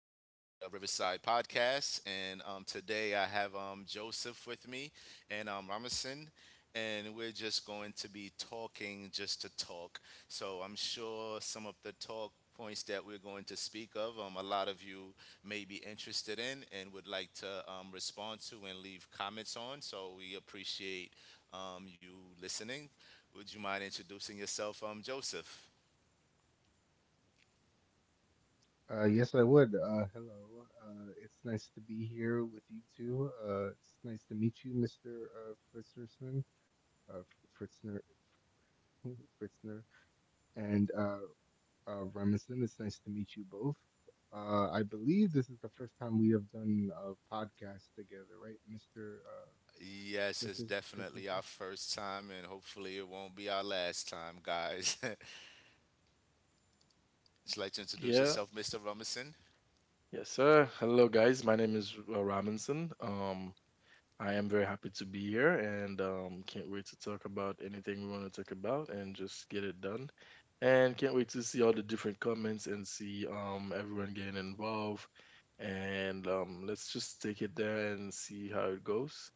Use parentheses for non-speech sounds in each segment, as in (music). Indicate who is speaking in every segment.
Speaker 1: Riverside Podcast. And Today I have Joseph with me and Ramison, and we're just going to be talking just to talk. So I'm sure some of the talk points that we're going to speak of, a lot of you may be interested in and would like to respond to and leave comments on. So we appreciate you listening. Would you mind introducing yourself, Joseph?
Speaker 2: Yes, I would. Hello. It's nice to be here with you two. It's nice to meet you, Mr. Uh, Fritznerson, uh, Fritzner, (laughs) Fritzner, and Remsen. It's nice to meet you both. I believe this is the first time we have done a podcast together, right, Mr.
Speaker 1: Yes,
Speaker 2: Uh,
Speaker 1: it's definitely
Speaker 2: Fritznerson?
Speaker 1: our first time, and hopefully it won't be our last time, guys. (laughs) Just like to introduce
Speaker 3: Yeah,
Speaker 1: yourself, Mr. Rumison.
Speaker 3: yes, sir. Hello, guys. My name is Robinson. I am very happy to be here and can't wait to talk about anything we want to talk about and just get it done. And can't wait to see all the different comments and see everyone getting involved. And let's just take it there and see how it goes.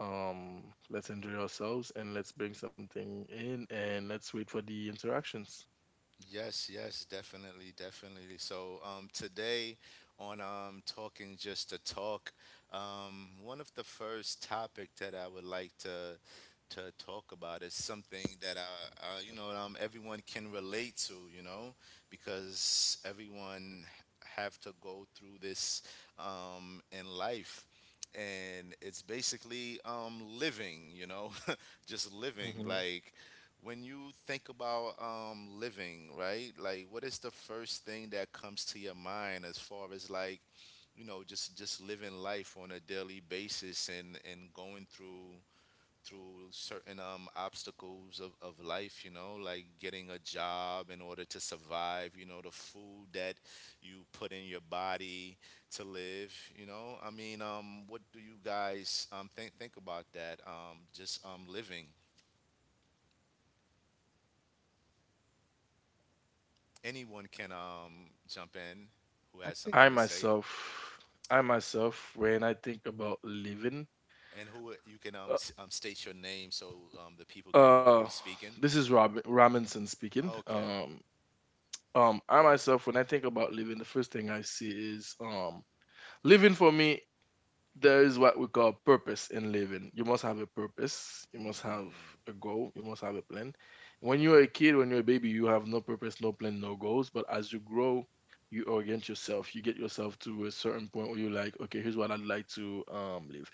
Speaker 3: Um, let's enjoy ourselves and let's bring something in and let's wait for the interactions.
Speaker 1: Yes, yes, definitely, definitely. So today on Talking Just to Talk, one of the first topic that I would like to talk about is something that everyone can relate to, you know, because everyone have to go through this in life. And it's basically living, you know, (laughs) just living.
Speaker 3: Mm-hmm.
Speaker 1: Like when you think about living, right? Like, what is the first thing that comes to your mind as far as like, you know, just living life on a daily basis and going through certain obstacles of life, you know, like getting a job in order to survive, you know, the food that you put in your body to live, you know. What do you guys think about that? Just living. Anyone can jump in who
Speaker 2: I
Speaker 1: has
Speaker 2: think
Speaker 1: something
Speaker 3: I
Speaker 1: to say,
Speaker 3: myself, I myself, when I think about living,
Speaker 1: and who you can
Speaker 3: uh,
Speaker 1: state your name so the people can know
Speaker 3: uh
Speaker 1: who's speaking.
Speaker 3: this is Robinson speaking.
Speaker 1: Okay.
Speaker 3: I myself, when I think about living, the first thing I see is living for me. There is what we call purpose in living. You must have a purpose. You must have
Speaker 1: hmm
Speaker 3: a goal. You must have a plan. When you're a kid, when you're a baby, you have no purpose, no plan, no goals. But as you grow, you orient yourself. You get yourself to a certain point where you're like, okay, here's what I'd like to live,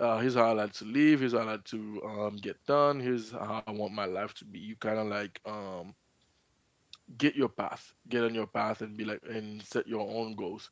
Speaker 3: here's how I like to live, here's how I like to get done, here's how I want my life to be. You kind of like get your path, get on your path and be like, and set your own goals.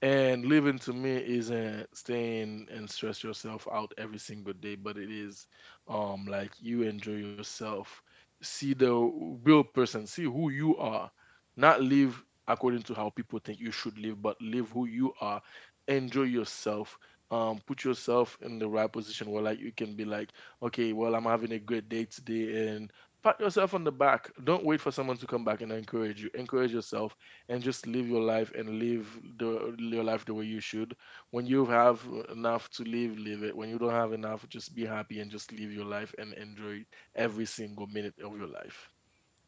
Speaker 3: And living to me isn't staying and stress yourself out every single day, but it is like you enjoy yourself, see the real person, see who you are, not live according to how people think you should live, but live who you are, enjoy yourself. Put yourself in the right position where like you can be like, okay, well, I'm having a great day today, pat yourself on the back. Don't wait for someone to come back and encourage you. Encourage yourself and just live your life and live the your life the way you should. When you have enough to live, live it. When you don't have enough, just be happy and just live your life and enjoy every single minute of your life.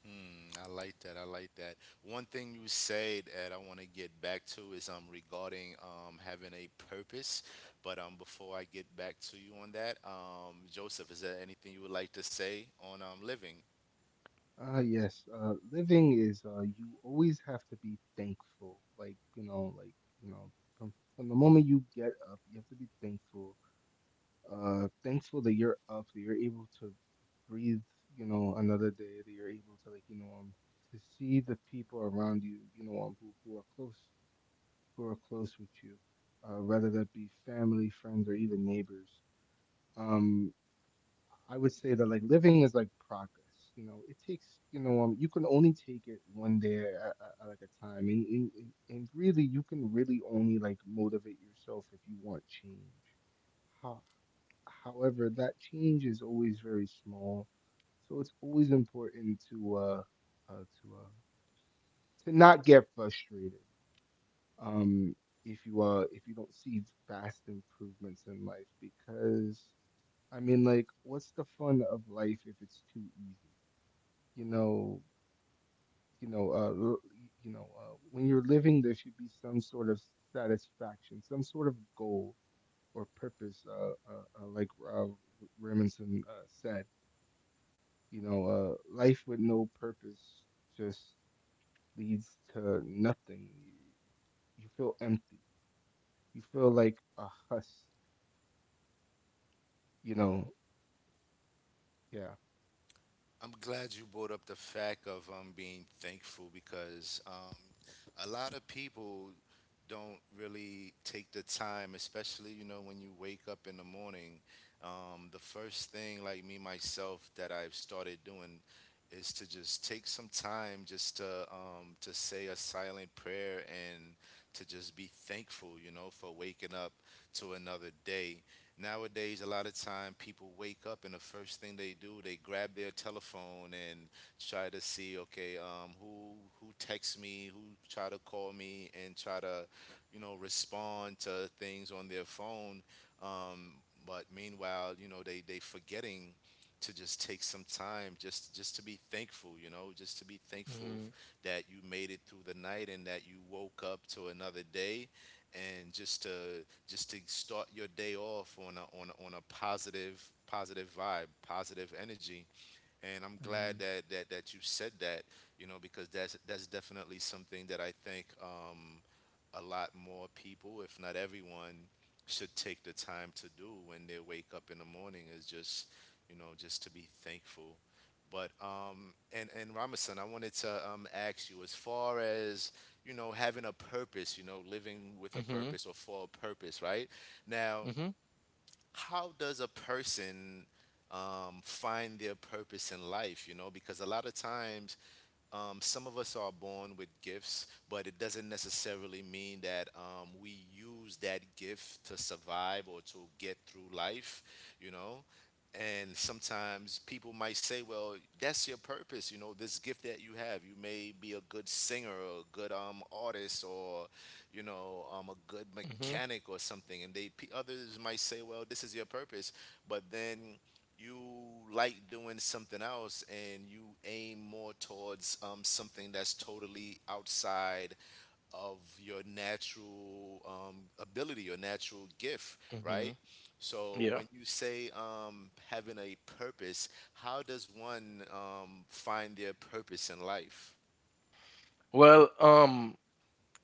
Speaker 1: Hmm, I like that. I like that. One thing you said that I want to get back to is regarding having a purpose. But before I get back to you on that, Joseph, is there anything you would like to say on living?
Speaker 2: Yes, Living is, you always have to be thankful. Like, you know, from the moment you get up, you have to be thankful. Thankful that you're up, that you're able to breathe, you know, another day, that you're able to, like, you know, to see the people around you, you know, who are close, who are close with you, whether that be family, friends, or even neighbors. Um, I would say that like living is like progress. You know, it takes, you know, you can only take it one day at like a time, and, and really you can really only like motivate yourself if you want change. How, However, that change is always very small, so it's always important to uh to uh to not get frustrated. Um, if you if you don't see vast improvements in life, because I mean, like, what's the fun of life if it's too easy? You know, you know, you know, when you're living, there should be some sort of satisfaction, some sort of goal or purpose. Like uh, R- Remington, said, you know, life with no purpose just leads to nothing. You feel empty. You feel like a huss. You know, yeah.
Speaker 1: I'm glad you brought up the fact of being thankful because a lot of people don't really take the time, especially you know when you wake up in the morning. The first thing, like me myself, that I've started doing is to just take some time just to say a silent prayer and to just be thankful, you know, for waking up to another day. Nowadays, a lot of time people wake up and the first thing they do, they grab their telephone and try to see, okay, who texts me, who try to call me, and try to, you know, respond to things on their phone. Um, but meanwhile, you know, they forgetting to just take some time just to be thankful, you know, just to be thankful
Speaker 3: Hmm.
Speaker 1: that you made it through the night and that you woke up to another day and just to start your day off on a positive vibe, positive energy. And I'm glad
Speaker 3: Hmm.
Speaker 1: that you said that, you know, because that's definitely something that I think. A lot more people, if not everyone, should take the time to do when they wake up in the morning is just, you know, just to be thankful. But and Ramason, I wanted to ask you as far as you know having a purpose, you know, living with a
Speaker 3: Hmm.
Speaker 1: purpose or for a purpose, right? Now,
Speaker 3: Hmm.
Speaker 1: how does a person find their purpose in life? You know, because a lot of times some of us are born with gifts, but it doesn't necessarily mean that we use that gift to survive or to get through life, you know. And sometimes people might say, well, that's your purpose, you know, this gift that you have. You may be a good singer or a good artist or you know, a good
Speaker 3: Hmm.
Speaker 1: mechanic or something. And others might say, well, this is your purpose, but then you like doing something else and you aim more towards something that's totally outside of your natural ability, your natural gift,
Speaker 3: Hmm.
Speaker 1: right? So
Speaker 3: Yeah.
Speaker 1: when you say having a purpose, how does one find their purpose in life?
Speaker 3: Well,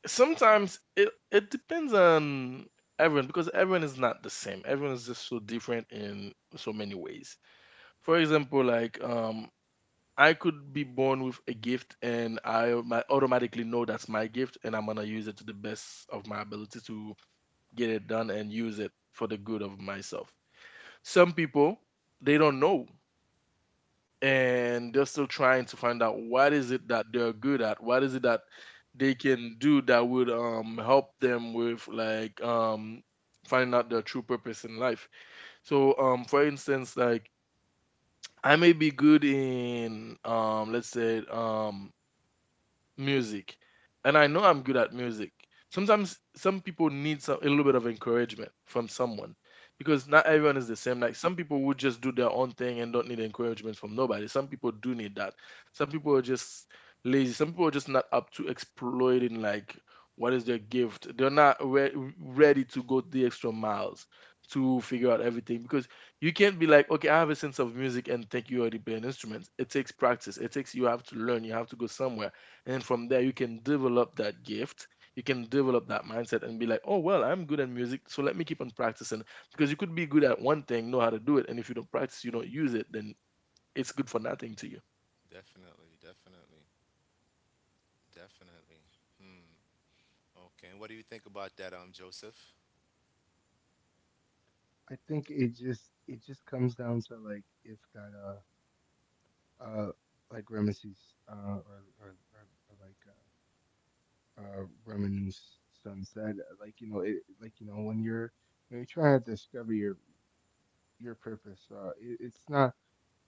Speaker 3: sometimes it depends on everyone because everyone is not the same. Everyone is just so different in so many ways. For example, like I could be born with a gift, and I automatically know that's my gift, and I'm gonna use it to the best of my ability to get it done and use it for the good of myself. Some people they don't know, and they're still trying to find out what is it that they're good at, what is it that they can do that would help them with like finding out their true purpose in life. So for instance, like I may be good in let's say music, and I know I'm good at music. Sometimes some people need a little bit of encouragement from someone, because not everyone is the same. Like some people would just do their own thing and don't need encouragement from nobody. Some people do need that. Some people are just lazy. Some people are just not up to exploiting like what is their gift. They're not ready to go the extra miles to figure out everything, because you can't be like, okay, I have a sense of music and think you already play an instrument. It takes practice. It takes you have to learn. You have to go somewhere. And from there, you can develop that gift. You can develop that mindset and be like, oh, well, I'm good at music, so let me keep on practicing. Because you could be good at one thing, know how to do it, and if you don't practice, you don't use it, then it's good for nothing to you.
Speaker 1: Definitely, definitely, definitely. Okay, and what do you think about that, Joseph?
Speaker 2: I think it just comes down to like if that uh, like Ramesses, uh, or like Ramanu's son said, like you know, like you know, when you're trying to discover your purpose, uh,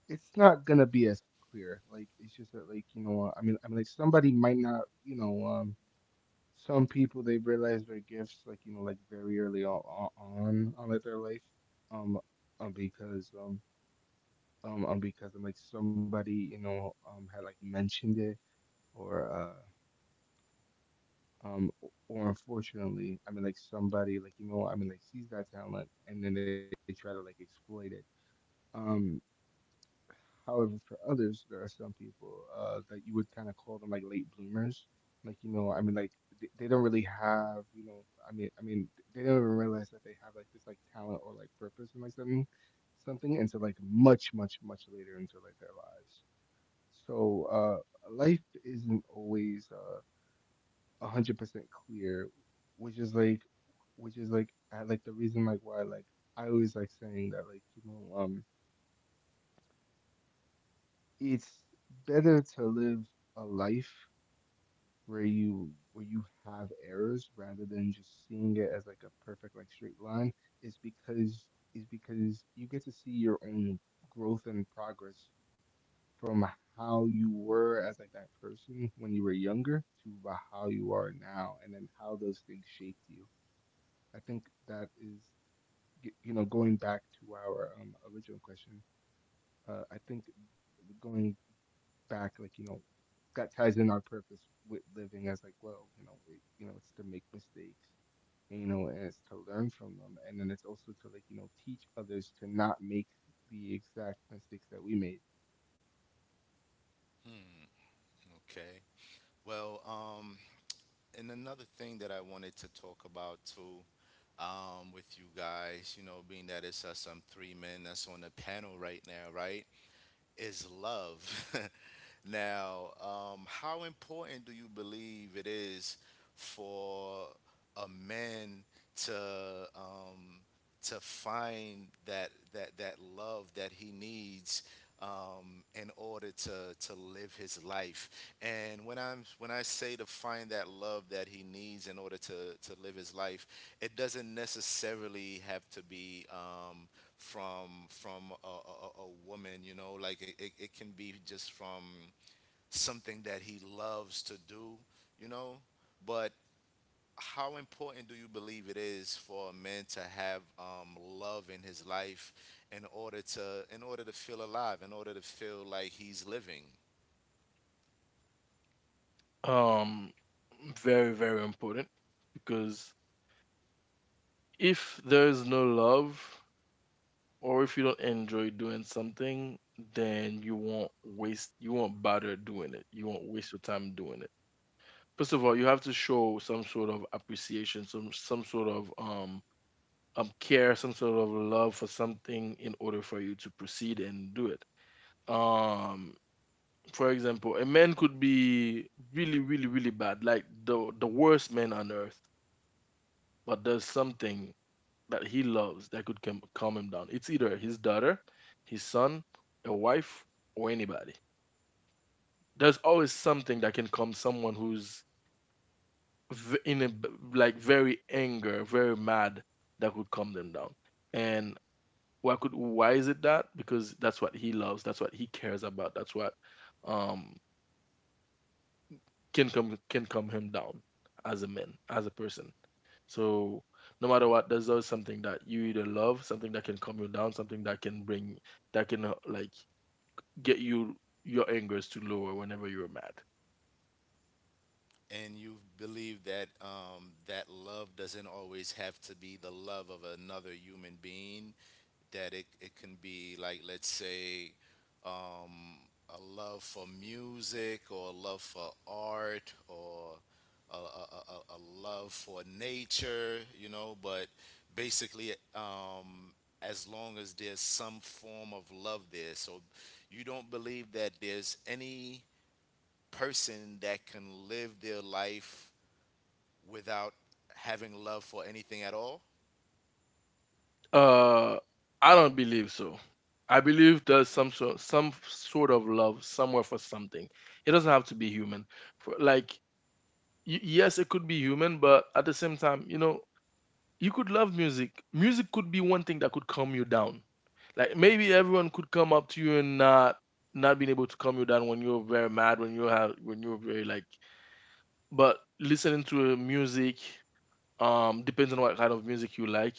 Speaker 2: it's not gonna be as clear. Like it's just that, like you know, I mean, like somebody might not, you know, some people they realize their gifts, like you know, like very early on on like their life, um, um because um. Because, like somebody, you know, had like mentioned it, or uh um or unfortunately, I mean like somebody like you know I mean like sees that talent and then they try to like exploit it. um However, for others there are some people, that you would kind of call them like late bloomers, like you know I mean like they don't really have you know I mean they don't even realize that they have like this like talent or like purpose and like something something until like much later into like their lives. So life isn't always 100% clear, which is like which is like I like the reason like why like I always like saying that like you know it's better to live a life where you have errors rather than just seeing it as like a perfect like straight line, is because is because you get to see your own growth and progress from how you were as like that person when you were younger to about how you are now and then how those things shaped you. I think that is, you know, going back to our original question, I think going back, like, you know, that ties in our purpose with living as like, well, you know, you know, it's to make mistakes, you know, and it's to learn from them. And then it's also to like, you know, teach others to not make the exact mistakes that we made.
Speaker 1: Okay. Well, and another thing that I wanted to talk about too, with you guys, you know, being that it's us, three men that's on the panel right now, right? Is love. (laughs) Now, how important do you believe it is for a man to um, to find that love that he needs? In order to live his life, and when I say to find that love that he needs in order to live his life, it doesn't necessarily have to be. From a woman, you know, like it can be just from something that he loves to do, you know, but how important do you believe it is for a man to have love in his life in order to feel alive in order to feel like he's living.
Speaker 3: Um, Very, very important, because if there's no love or if you don't enjoy doing something, then you won't waste, you won't bother doing it. You won't waste your time doing it. First of all, you have to show some sort of appreciation, some sort of care, some sort of love for something in order for you to proceed and do it. Um, for example, a man could be really, really, really bad, like the worst man on earth, but there's something that he loves that could calm, calm him down. It's either his daughter, his son, a wife, or anybody. There's always something that can calm someone who's in a like very anger, very mad, that could calm them down. And why could why is it that? Because that's what he loves, that's what he cares about, that's what um can come him down as a man, as a person. So no matter what, there's always something that you either love, something that can calm you down, something that can bring, that can like get you your angers to lower whenever you're mad.
Speaker 1: And you believe that that love doesn't always have to be the love of another human being, that it can be like, let's say, um, a love for music or a love for art or a love for nature, you know, but basically, as long as there's some form of love there. So you don't believe that there's any person that can live their life without having love for anything at all?
Speaker 3: Uh, I don't believe so. I believe there's some sort of love somewhere for something. It doesn't have to be human. For like yes, it could be human, but at the same time, you know, you could love music. Music could be one thing that could calm you down. Like maybe everyone could come up to you and not not being able to calm you down when you're very mad, when you have when you're very like. But listening to music, depends on what kind of music you like,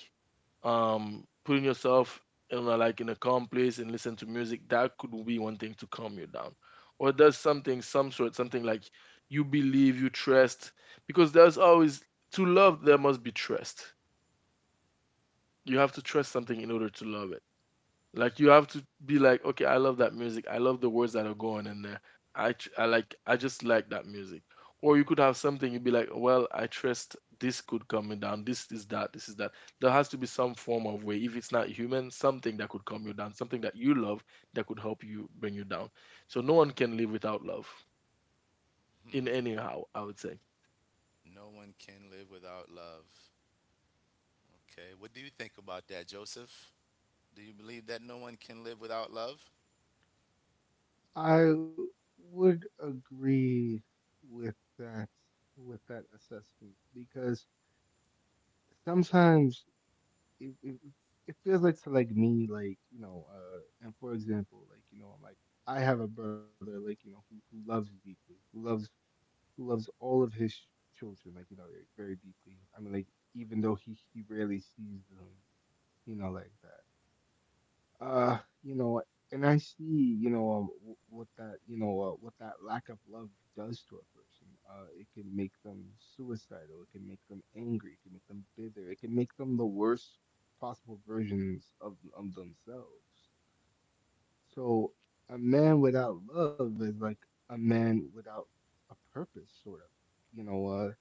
Speaker 3: putting yourself in a, like in a calm place and listen to music, that could be one thing to calm you down. Or does something, some sort something, like you believe, you trust, because there's always, to love there must be trust. You have to trust something in order to love it. Like you have to be like, okay, I love that music. I love the words that are going in there. I just like that music. Or you could have something you'd be like, well, I trust this could come me down. This is that. This is that. There has to be some form of way. If it's not human, something that could calm you down, something that you love that could help you bring you down. So no one can live without love in anyhow, I would say.
Speaker 1: No one can live without love. Okay. What do you think about that, Joseph? Do you believe that no one can live without love?
Speaker 2: I would agree with that, with that assessment because sometimes it, it, it feels like to like me like you know and for example like you know like I have a brother like you know who loves deeply, who loves all of his children like you know like very deeply, I mean like even though he rarely sees them, you know like that, uh, you know, and I see, you know, what that, you know, what that lack of love does to a person. It can make them suicidal. It can make them angry. It can make them bitter. It can make them the worst possible versions of themselves. So a man without love is like a man without a purpose, sort of. You know,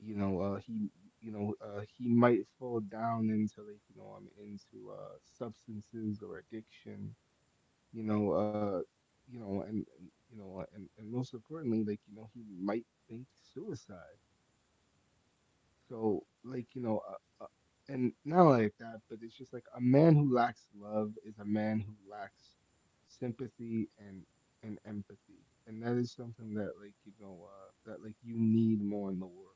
Speaker 2: you know, you know, he might fall down into like, you know, into substances or addiction, you know, uh, you know, and you know, and most importantly, like, you know, he might think suicide. So, like, you know, and not like that, but it's just like a man who lacks love is a man who lacks sympathy and empathy, and that is something that, like, you know, that like you need more in the world.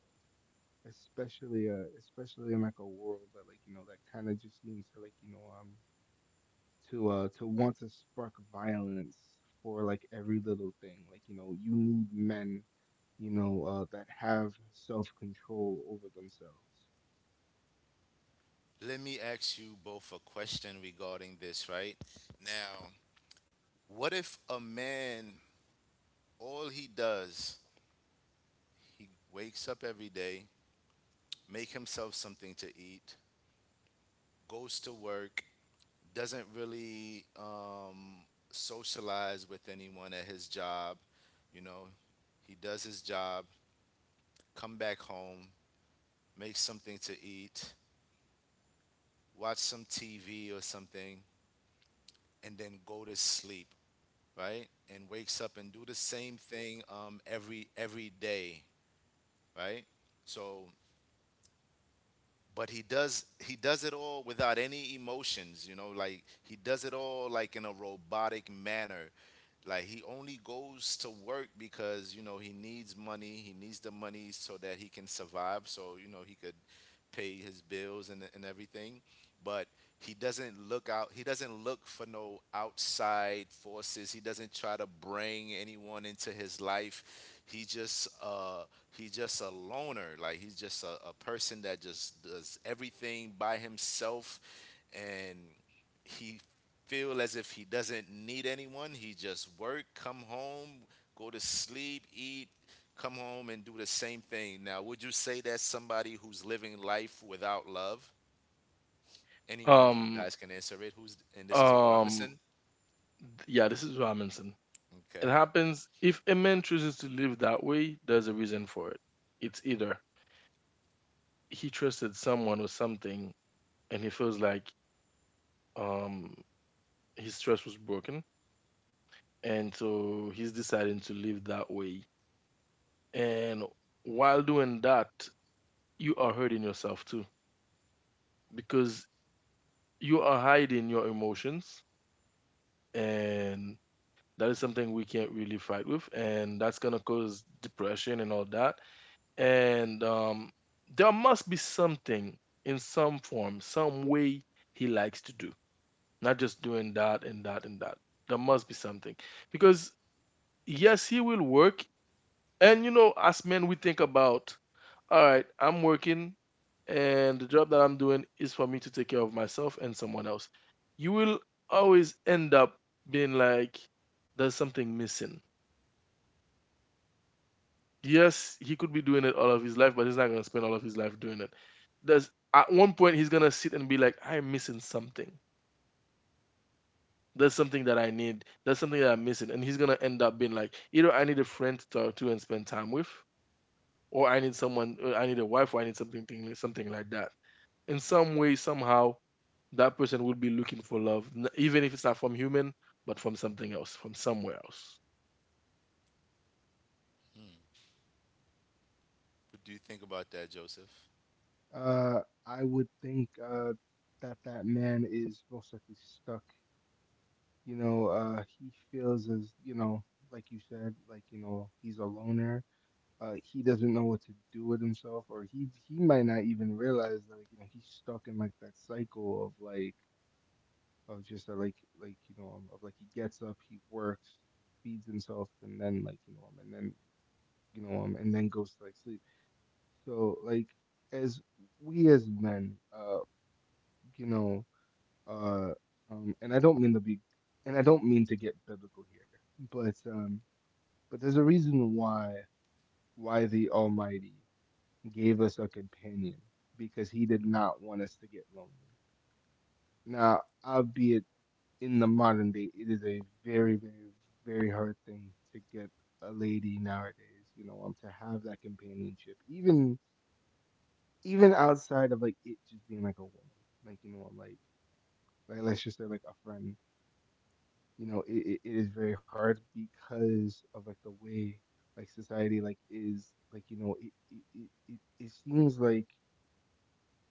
Speaker 2: Especially in like a world that, like, you know, that kind of just seems to, like, you know, to want to spark violence for like every little thing. Like, you know, you need men, you know, that have self-control over themselves.
Speaker 1: Let me ask you both a question regarding this, right? Now, what if a man, all he does, he wakes up every day, make himself something to eat, goes to work, doesn't really socialize with anyone at his job. You know, he does his job, come back home, make something to eat, watch some TV or something, and then go to sleep, right? And wakes up and do the same thing every day, right? So, but he does it all without any emotions, you know, like he does it all like in a robotic manner. Like he only goes to work because you know he needs money, he needs the money so that he can survive, so you know he could pay his bills and everything. But he doesn't look out, he doesn't look for no outside forces, he doesn't try to bring anyone into his life, he just he's just a loner, like he's just a person that just does everything by himself. And he feel as if he doesn't need anyone. He just work, come home, go to sleep, eat, come home and do the same thing. Now, would you say that's somebody who's living life without love? Any one of you
Speaker 3: Um
Speaker 1: guys can answer it. Who's and this is
Speaker 3: um
Speaker 1: Robinson.
Speaker 3: yeah, this is Robinson. It
Speaker 1: Okay.
Speaker 3: happens if a man chooses to live that way, there's a reason for it. It's either he trusted someone or something and he feels like um his trust was broken, and so he's deciding to live that way. And while doing that, you are hurting yourself too, because you are hiding your emotions, and that is something we can't really fight with, and that's going to cause depression and all that. And there must be something in some form, some way he likes to do, not just doing that and that and that. There must be something. Because, yes, he will work. And, you know, as men, we think about, all right, I'm working and the job that I'm doing is for me to take care of myself and someone else. You will always end up being like, there's something missing. Yes, he could be doing it all of his life, but he's not going to spend all of his life doing it. There's at one point he's going to sit and be like, I'm missing something. That's something that I need. That's something that I'm missing. And he's gonna end up being like, either I need a friend to talk to and spend time with, or I need a wife, or I need something like that. In some way, somehow, that person will be looking for love, even if it's not from human, but from something else, from somewhere else.
Speaker 1: What do you think about that, Joseph?
Speaker 2: Uh I would think that that man is most likely stuck. You know, he feels as, you know, like you said, like, you know, he's a loner. He doesn't know what to do with himself, or he might not even realize that like, you know, he's stuck in like that cycle of like of just that like you know of like he gets up, he works, feeds himself, and then like you know and then you know and then goes to like sleep. So like as we as men, you know uh and I don't mean to be, and I don't mean to get biblical here, but um but there's a reason why the Almighty gave us a companion, because he did not want us to get lonely. Now, albeit in the modern day, it is a very hard thing to get a lady nowadays. You know, to have that companionship, even even outside of like it just being like a woman, like you know, like let's just say like a friend. You know, it is very hard because of like the way like society like is like you know it it seems like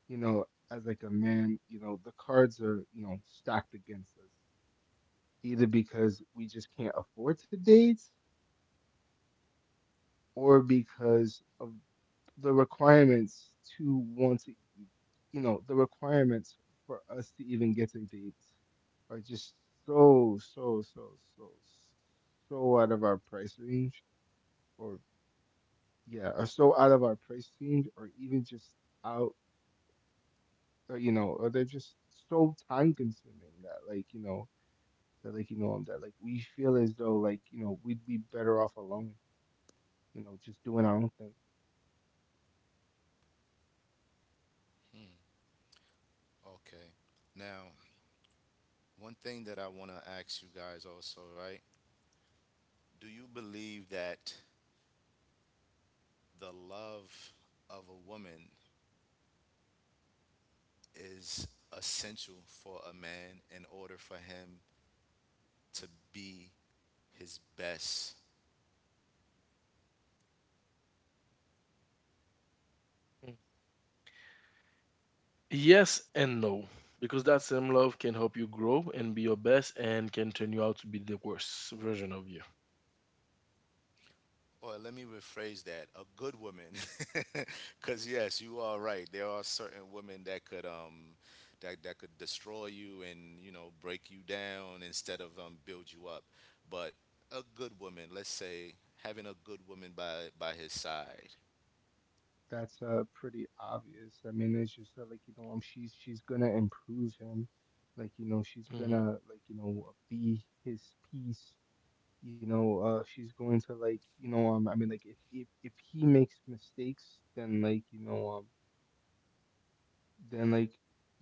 Speaker 2: you know as like a man you know the cards are you know stacked against us, either because we just can't afford to date or because of the requirements to want to, you know, the requirements for us to even get a date are just so, so, so, so, so out of our price range, or yeah, are so out of our price range, or even just out, or, you know, or they're just so time consuming that, like, you know, that, like, you know, that, like, we feel as though, like, you know, we'd be better off alone, you know, just doing our own thing.
Speaker 1: Okay. Now, one thing that I want to ask you guys also, right? Do you believe that the love of a woman is essential for a man in order for him to be his best.
Speaker 3: Mm. Yes and no, because that same love can help you grow and be your best, and can turn you out to be the worst version of you.
Speaker 1: Or let me rephrase that: a good woman, (laughs) because yes, you are right. There are certain women that could that that could destroy you and you know break you down instead of build you up. But a good woman, let's say, having a good woman by his side
Speaker 2: That's pretty obvious. I mean, it's just that, like you know, she's gonna improve him, like you know, she's
Speaker 3: Hmm.
Speaker 2: gonna like you know be his piece. You know, she's going to like you know, I mean, like if if he makes mistakes, then like you know, then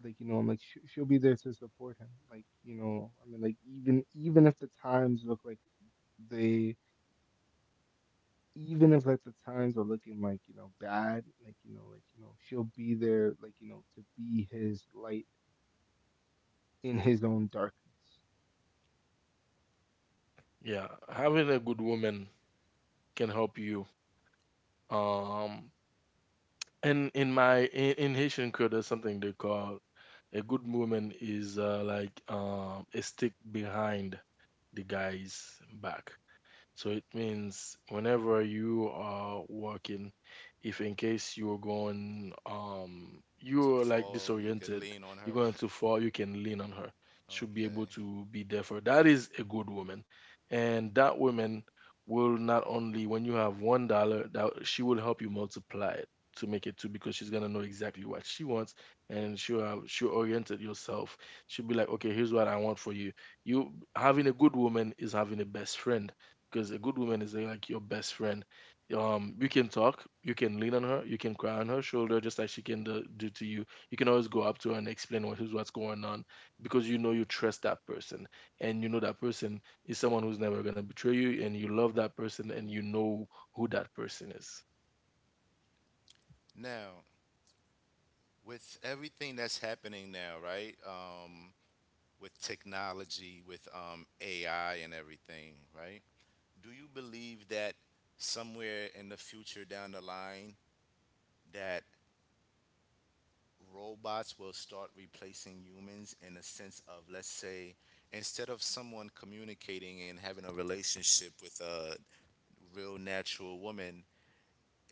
Speaker 2: like you know, she'll be there to support him. Like you know, I mean, like even even if the times look like they even if like the times are looking like you know bad, like you know, she'll be there, like you know, to be his light in his own darkness.
Speaker 3: Yeah, having a good woman can help you. Um, And in my in Haitian culture, there's something they call, a good woman is like a stick behind the guy's back. So it means whenever you are working, if in case you're going,
Speaker 1: to
Speaker 3: you're like
Speaker 1: fall, you could
Speaker 3: disoriented,
Speaker 1: lean on
Speaker 3: you're
Speaker 1: her.
Speaker 3: going
Speaker 1: (laughs)
Speaker 3: too far, you can lean on her. Should be able
Speaker 1: Okay.
Speaker 3: to be there for. That is a good woman, and that woman will not only when you have $1, that she will help you multiply it to make it two, because she's gonna know exactly what she wants, and she'll have, she'll oriented yourself. She'll be like, okay, here's what I want for you. You having a good woman is having a best friend, because a good woman is like your best friend. You can talk, you can lean on her, you can cry on her shoulder, just like she can do to you. You can always go up to her and explain what's going on because you know you trust that person, and you know that person is someone who's never gonna betray you, and you love that person, and you know who that person is.
Speaker 1: Now, with everything that's happening now, right? With technology, with AI and everything, right? Do you believe that somewhere in the future down the line that robots will start replacing humans in a sense of, let's say, instead of someone communicating and having a relationship with a real natural woman,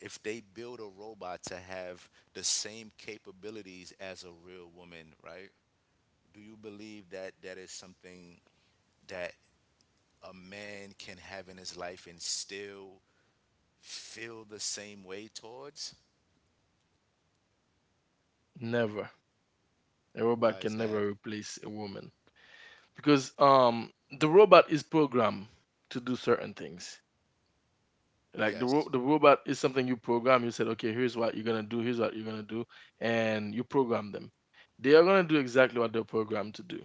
Speaker 1: if they build a robot to have the same capabilities as a real woman, right? Do you believe that that is something that a man can have in his life and still feel the same way towards?
Speaker 3: Never, a robot
Speaker 1: Why is
Speaker 3: can
Speaker 1: that?
Speaker 3: never replace a woman because the robot is programmed to do certain things. Like the ro-
Speaker 1: Yes.
Speaker 3: the robot is something you program. You said, okay, here's what you're gonna do. Here's what you're gonna do, and you program them. They are gonna do exactly what they're programmed to do.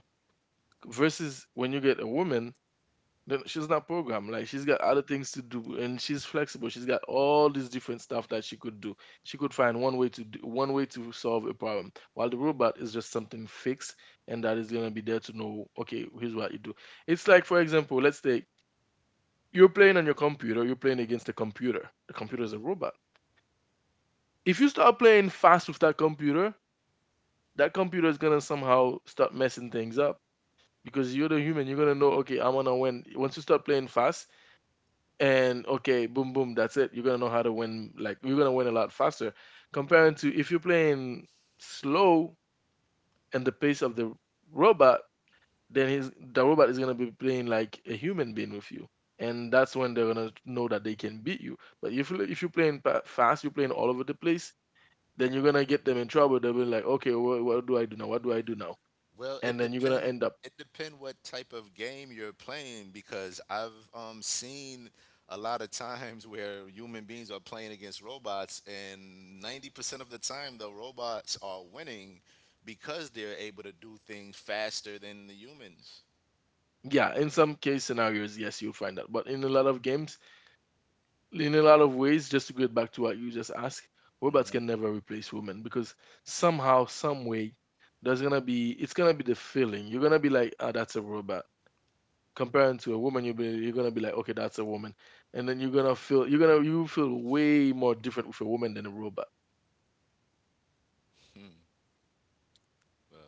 Speaker 3: Versus when you get a woman, then she's not programmed. Like she's got other things to do, and she's flexible. She's got all these different stuff that she could do. She could find one way to solve a problem. While the robot is just something fixed, and that is gonna be there to know. Okay, here's what you do. It's like, for example, let's say you're playing on your computer. You're playing against a computer. The computer is a
Speaker 1: hmm
Speaker 3: robot. If you start playing fast with that computer is gonna somehow start messing things up because you're the human. You're gonna know, okay, I wanna win. Once you start playing fast, and okay, boom, boom, that's it. You're gonna know how to win. Like you're gonna win a lot faster comparing to if you're playing slow and the pace of the robot, then his the robot is gonna be playing like a human being with you, and that's when they're gonna know that they can beat you. But if you're playing fast, you're playing all over the place, then you're gonna get them in trouble. They'll be like, okay, what do I do now? What do I do now?
Speaker 1: Well,
Speaker 3: And
Speaker 1: it
Speaker 3: then you're gonna
Speaker 1: depend.
Speaker 3: end up,
Speaker 1: It depend what type of game you're playing because I've seen a lot of times (laughs) where human beings are playing against robots, and 90% of the time the robots are winning because they're able to do things faster than the humans.
Speaker 3: yeah, in some case scenarios, yes, you'll find that. But in a lot of games, in a lot of ways, just to get back to what you just asked, robots
Speaker 1: hmm
Speaker 3: can never replace women because somehow, some way, there's gonna be it's gonna be the feeling. You're gonna be like, ah, that's a robot. Comparing to a woman, you're gonna be like, okay, that's a woman, and then you're gonna feel you're gonna you feel way more different with a woman than a robot.
Speaker 1: Well,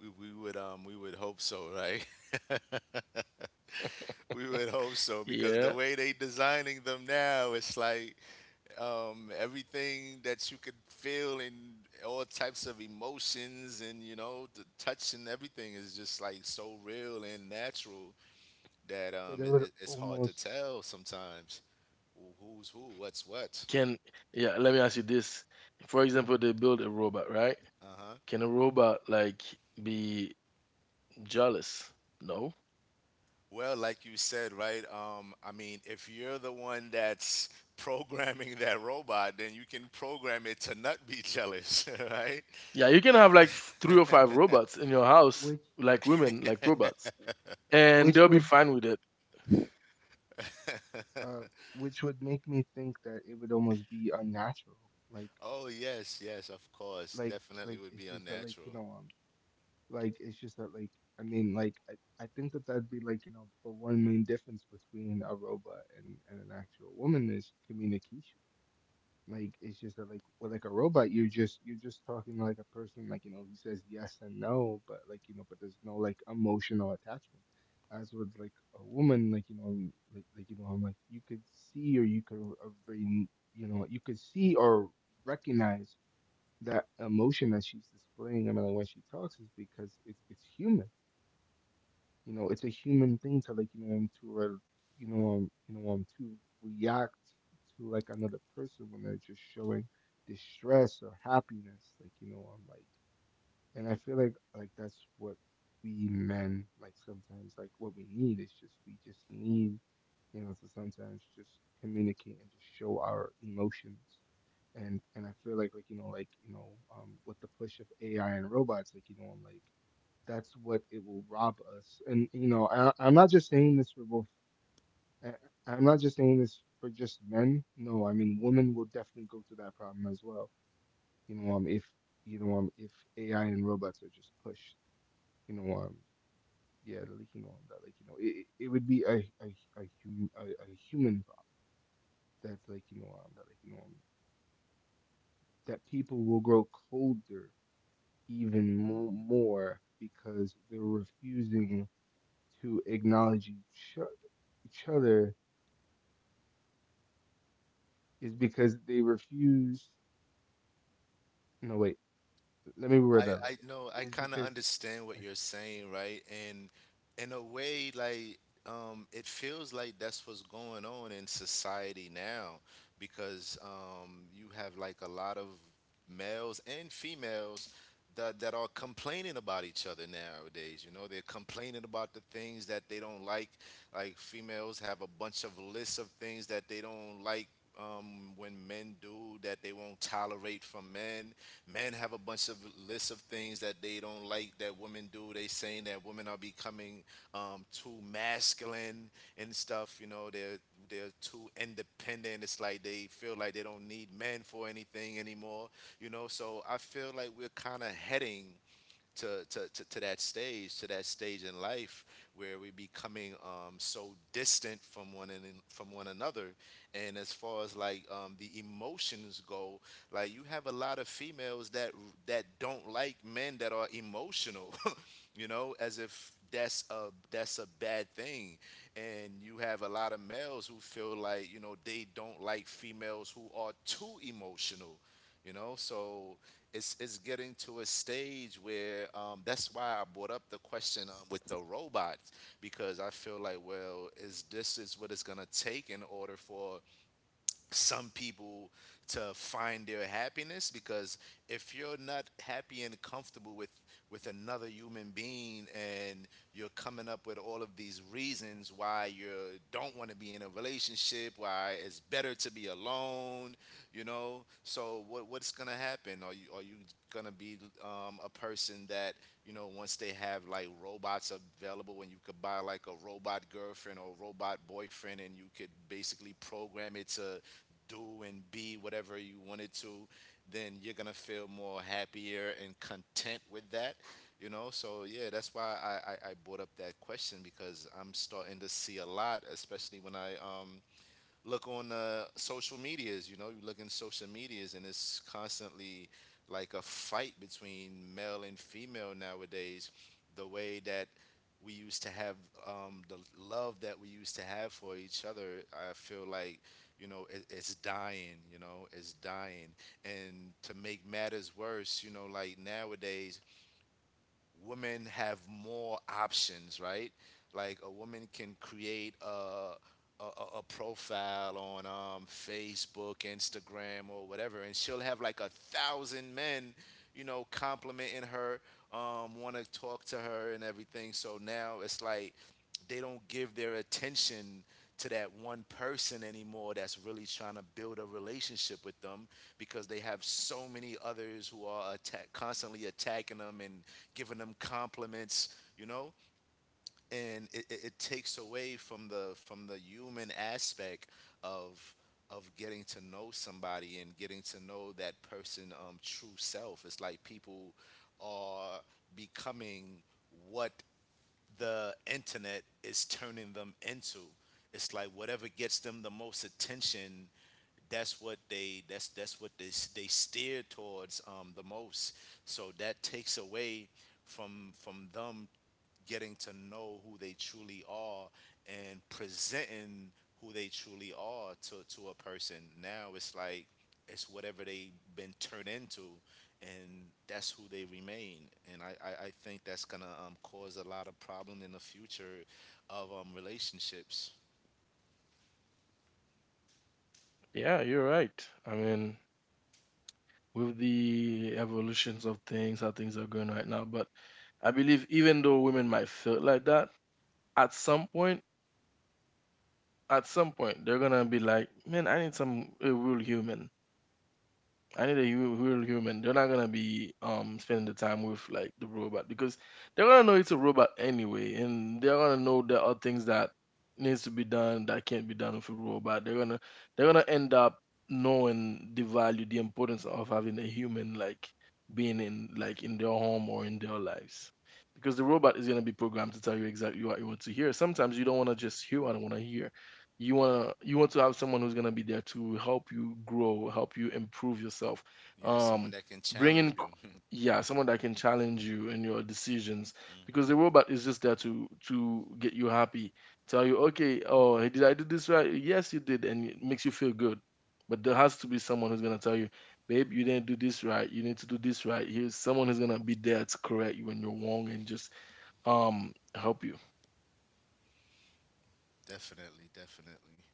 Speaker 1: we would hope so, right? We would hope so because the
Speaker 3: Yeah,
Speaker 1: way they designing them now, it's like everything that you could feel and all types of emotions and you know the touch and everything is just like so real and natural that
Speaker 2: But it would
Speaker 1: it's hard to
Speaker 2: almost,
Speaker 1: tell sometimes who's who, what's what.
Speaker 3: Can yeah, let me ask you this. For example, they build a robot, right?
Speaker 1: Uh huh.
Speaker 3: Can a robot like be jealous? No.
Speaker 1: Well, like you said, right? I mean, if you're the one that's (laughs) programming that robot, then you can program it to not be jealous, (laughs) right?
Speaker 3: Yeah, you can have like three or five robots in your house,
Speaker 2: which,
Speaker 3: like
Speaker 2: w-
Speaker 3: women, like robots, and
Speaker 2: which
Speaker 3: they'll be
Speaker 2: would,
Speaker 3: fine with it.
Speaker 2: uh, which would make me think that it would almost be unnatural. Like,
Speaker 1: Oh yes, yes, of course.
Speaker 2: like, like
Speaker 1: Definitely would
Speaker 2: it's
Speaker 1: be
Speaker 2: just that, like you
Speaker 1: unnatural.
Speaker 2: know, like it's just that, like I mean, like I think that that'd be like you know the one main difference between a robot and an actual woman is communication. Like it's just that, like with like a robot, you're just talking like a person, like you know, he says yes and no, but like you know, but there's no like emotional attachment. As with like a woman, like you know, you know, I'm like you could see or you could uh, very- you know you could see or recognize that emotion that she's displaying. I mean, like when she talks, is because it's human. It's a human thing to react to another person when they're just showing distress or happiness. Like, and I feel like that's what we men, like sometimes, like what we need is, just we just need to sometimes just communicate and just show our emotions. And I feel like with the push of AI and robots, like you know I'm like that's what it will rob us. And you know, I'm not just saying this for both. I- I'm not just saying this for just men. No, I mean women will definitely go through that problem as well. If you know, um, if AI and robots are just pushed, you know, um, yeah, like you know, that like you know, it would be a human problem. That's like you know, that like you know, that people will grow colder, even more, because they're refusing to acknowledge each other, is because they refuse. No, wait. Let me reword that a
Speaker 1: I
Speaker 2: little
Speaker 1: I know I
Speaker 2: bit. Is
Speaker 1: kind of
Speaker 2: because
Speaker 1: understand
Speaker 2: I,
Speaker 1: what
Speaker 2: s-
Speaker 1: you're saying, right? And in a way, like it feels like that's what's going on in society now, because you have like a lot of males and females that are complaining about each other nowadays. You know, they're complaining about the things that they don't like. Like females have a bunch of lists of things that they don't like when men do that they won't tolerate from men. Men have a bunch of lists of things that they don't like that women do. They saying that women are becoming too masculine and stuff. You know, they're too independent. It's like they feel like they don't need men for anything anymore. You know, so I feel like we're kind of heading to that stage in life where we becoming so distant from one and from one another. And as far as like the emotions go, like you have a lot of females that don't like men that are emotional, (laughs) you know, as if that's a bad thing, and you have a lot of males who feel like you know they don't like females who are too emotional, you know. So it's getting to a stage where that's why I brought up the question with the robots, because I feel like, well, is this is what it's gonna take in order for some people to find their happiness? Because if you're not happy and comfortable with another human being, and you're coming up with all of these reasons why you don't want to be in a relationship, why it's better to be alone, you know. So what what's gonna happen? Are you are you gonna be a person that, you know, once they have like robots available, and you could buy like a robot girlfriend or robot boyfriend, and you could basically program it to do and be whatever you wanted to, then you're gonna feel more happier and content with that. You know, so yeah, that's why I brought up that question, because I'm starting to see a lot, especially when I look on social medias. You know, you look in social medias, and it's constantly like a fight between male and female nowadays. The way that we used to have the love that we used to have for each other, I feel like, you know, it's dying. You know, it's dying. And to make matters worse, you know, like nowadays women have more options, right? Like a woman can create a a profile on Facebook, Instagram, or whatever, and she'll have like a thousand men, you know, complimenting her, want to talk to her and everything. So now it's like they don't give their attention to that one person anymore that's really trying to build a relationship with them, because they have so many others who are constantly attacking them and giving them compliments, you know. And it takes away from the human aspect of of getting to know somebody and getting to know that person true self. It's like people are becoming what the internet is turning them into. It's like whatever gets them the most attention, that's what they that's what they they steer towards the most. So that takes away from them getting to know who they truly are, and presenting who they truly are to a person. Now it's like it's whatever they've been turned into, and that's who they remain. And I think that's gonna cause a lot of problem in the future of relationships.
Speaker 3: Yeah, you're right. I mean, with the evolutions of things, how things are going right now. But I believe even though women might feel like that, at some point, at some point, they're gonna be like, man, I need some a real human. I need a real human. They're not gonna be spending the time with like the robot because they're gonna know it's a robot anyway, and they're gonna know there are things that needs to be done that can't be done with a robot. They're gonna end up knowing the value, the importance of having a human like being in like in their home or in their lives. Because the robot is gonna be programmed to tell you exactly what you want to hear. Sometimes you don't wanna just hear what I wanna hear. You want to have someone who's going to be there to help you grow, help you improve yourself,
Speaker 1: Yeah, someone
Speaker 3: um
Speaker 1: that can
Speaker 3: bring
Speaker 1: challenge
Speaker 3: in,
Speaker 1: you. (laughs) Hmm.
Speaker 3: yeah, someone that can challenge you in your decisions, because the robot is just there to get you happy, tell you okay, oh hey, did I do this right? Yes you did, and it makes you feel good. But there has to be someone who's going to tell you, babe, you didn't do this right, you need to do this right. Here's someone who's going to be there to correct you when you're wrong, and just help you.
Speaker 1: Definitely, definitely.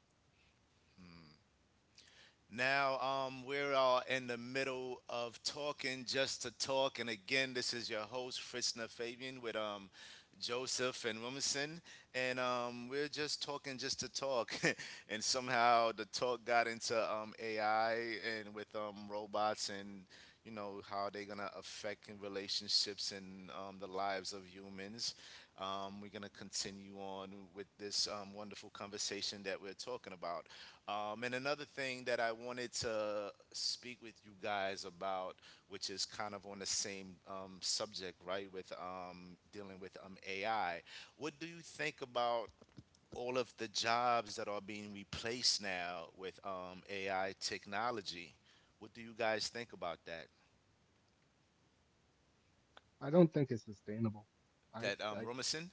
Speaker 1: Now we're all in the middle of talking just to talk, and again, this is your host Fritzner Fabian with Joseph and Rumison, and we're just talking just to talk, (laughs) and somehow the talk got into AI and with robots and you know how they're gonna affect in relationships and the lives of humans. We're gonna continue on with this wonderful conversation that we're talking about. And another thing that I wanted to speak with you guys about, which is kind of on the same subject, right, with dealing with AI, what do you think about all of the jobs that are being replaced now with AI technology? What do you guys think about that?
Speaker 2: I don't think it's sustainable. I
Speaker 1: That
Speaker 2: I
Speaker 1: Romerson?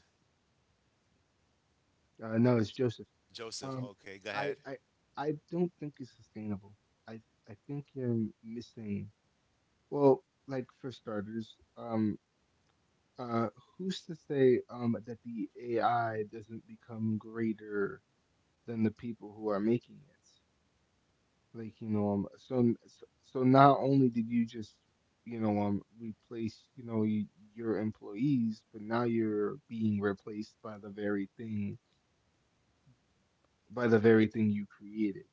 Speaker 2: no, it's Joseph.
Speaker 1: Joseph,
Speaker 2: Um,
Speaker 1: okay, go
Speaker 2: I
Speaker 1: ahead.
Speaker 2: I I don't think it's sustainable. I I think you're missing. Well, like for starters, uh, who's to say that the AI doesn't become greater than the people who are making it? Like, so so not only did you just, replace, your employees, but now you're being replaced by the very thing, by the very thing you created.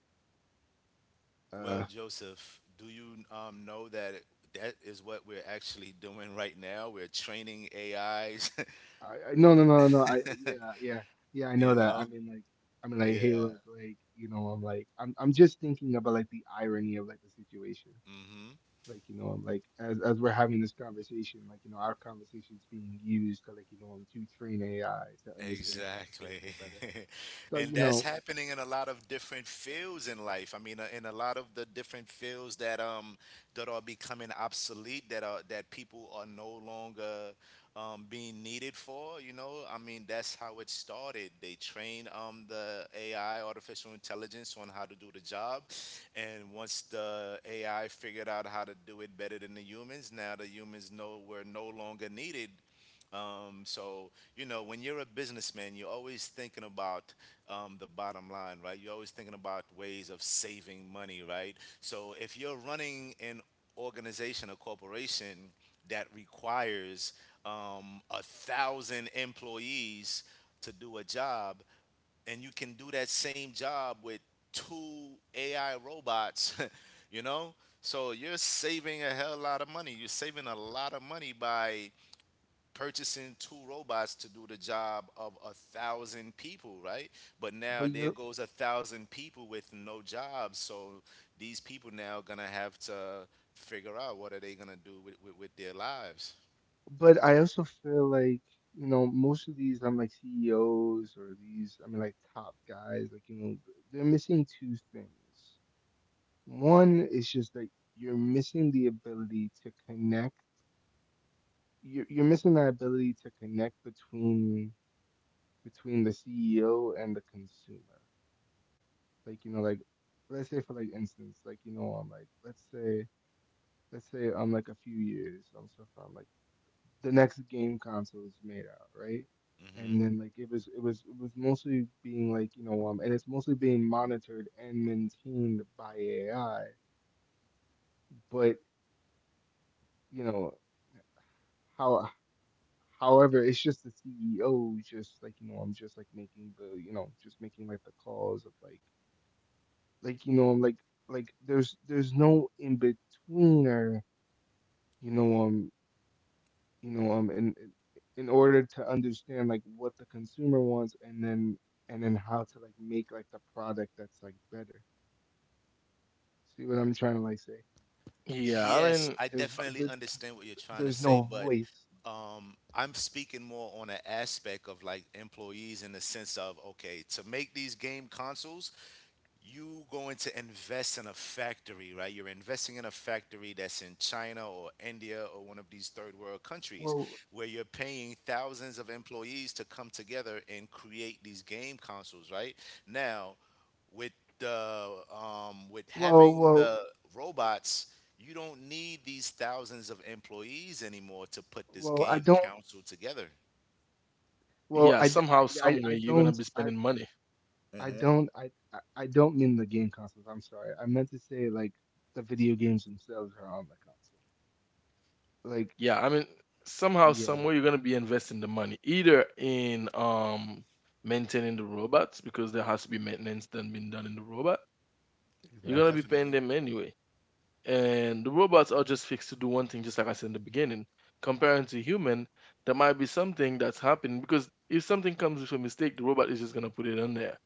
Speaker 1: Well,
Speaker 2: Uh,
Speaker 1: Joseph, do you know that that is what we're actually doing right now? We're training AIs. (laughs)
Speaker 2: I, no, no, no, no. Yeah, yeah, yeah. I
Speaker 1: You
Speaker 2: know that.
Speaker 1: know?
Speaker 2: I mean, like, hey,
Speaker 1: Yeah.
Speaker 2: look, like, you know, I'm just thinking about like the irony of like the situation.
Speaker 1: Mm-hmm.
Speaker 2: Like you know I'm like as we're having this conversation, like you know, our conversation is being used to train AI to understand
Speaker 1: Exactly. (laughs)
Speaker 2: conversations better. So
Speaker 1: And
Speaker 2: you know,
Speaker 1: that's happening in a lot of different fields in life. I mean, in a lot of the different fields that that are becoming obsolete, that are that people are no longer being needed for, you know? I mean, that's how it started. They train the AI, artificial intelligence, on how to do the job. And once the AI figured out how to do it better than the humans, now the humans know we're no longer needed. So you know, when you're a businessman, you're always thinking about the bottom line, right? You're always thinking about ways of saving money, right? So if you're running an organization, a corporation that requires a thousand employees to do a job, and you can do that same job with two AI robots, (laughs) you know? So you're saving a hell lot of money. You're saving a lot of money by purchasing two robots to do the job of a thousand people, right? But now
Speaker 2: but
Speaker 1: there
Speaker 2: you're
Speaker 1: goes a thousand people with no jobs. So these people now gonna have to figure out what are they gonna do with their lives.
Speaker 2: but I also feel like, you know, most of these, I'm like CEOs, or these, I mean, like top guys, like you know, they're missing two things. One is just like, you're missing the ability to connect. You're missing that ability to connect between the CEO and the consumer. Like you know, like, let's say, for like instance, like you know, I'm like let's say, let's say, I'm like a few years so from like, the next game console is made out, right?
Speaker 1: Hmm.
Speaker 2: And then like, it was it was mostly being, like you know um, and it's mostly being monitored and maintained by AI. But, you know how, however, it's just the CEO who's just like, you know, I'm just like making the, you know, just making like the calls of like you know, like, there's no in betweener, you know, um, you know, um, in, in order to understand like what the consumer wants, and then how to like make like the product that's like better. See what I'm trying to like say?
Speaker 3: yeah i
Speaker 1: Yes,
Speaker 3: mean
Speaker 1: I
Speaker 2: There's
Speaker 1: definitely understand what you're trying to
Speaker 2: there's
Speaker 1: say,
Speaker 2: no
Speaker 1: but
Speaker 2: voice.
Speaker 1: I'm speaking more on an aspect of like employees, in the sense of, okay, to make these game consoles, you going to invest in a factory, right? You're investing in a factory that's in China or India or one of these third world countries
Speaker 2: well
Speaker 1: where you're paying thousands of employees to come together and create these game consoles, right? Now, with the with
Speaker 2: well
Speaker 1: having
Speaker 2: well
Speaker 1: the robots, you don't need these thousands of employees anymore to put this
Speaker 2: I
Speaker 1: game
Speaker 2: don't
Speaker 1: council together.
Speaker 3: yeah,
Speaker 2: Well,
Speaker 3: somehow some way
Speaker 2: I
Speaker 3: you're gonna be
Speaker 2: don't,
Speaker 3: spending money.
Speaker 2: I
Speaker 1: Hmm.
Speaker 2: don't. I don't mean the game consoles. I'm sorry. I meant to say like, the video games themselves are on the console. Like,
Speaker 3: yeah i mean Somehow some
Speaker 2: yeah,
Speaker 3: way you're gonna be investing the money either in maintaining the robots, because there has to be maintenance done being done in the robot. You're gonna
Speaker 2: exactly.
Speaker 3: be paying
Speaker 1: Definitely.
Speaker 3: them anyway, and the robots are just fixed to do one thing, just like I said in the beginning, comparing to human. There might be something that's happening because if something comes with a mistake, the robot is just gonna put it on there.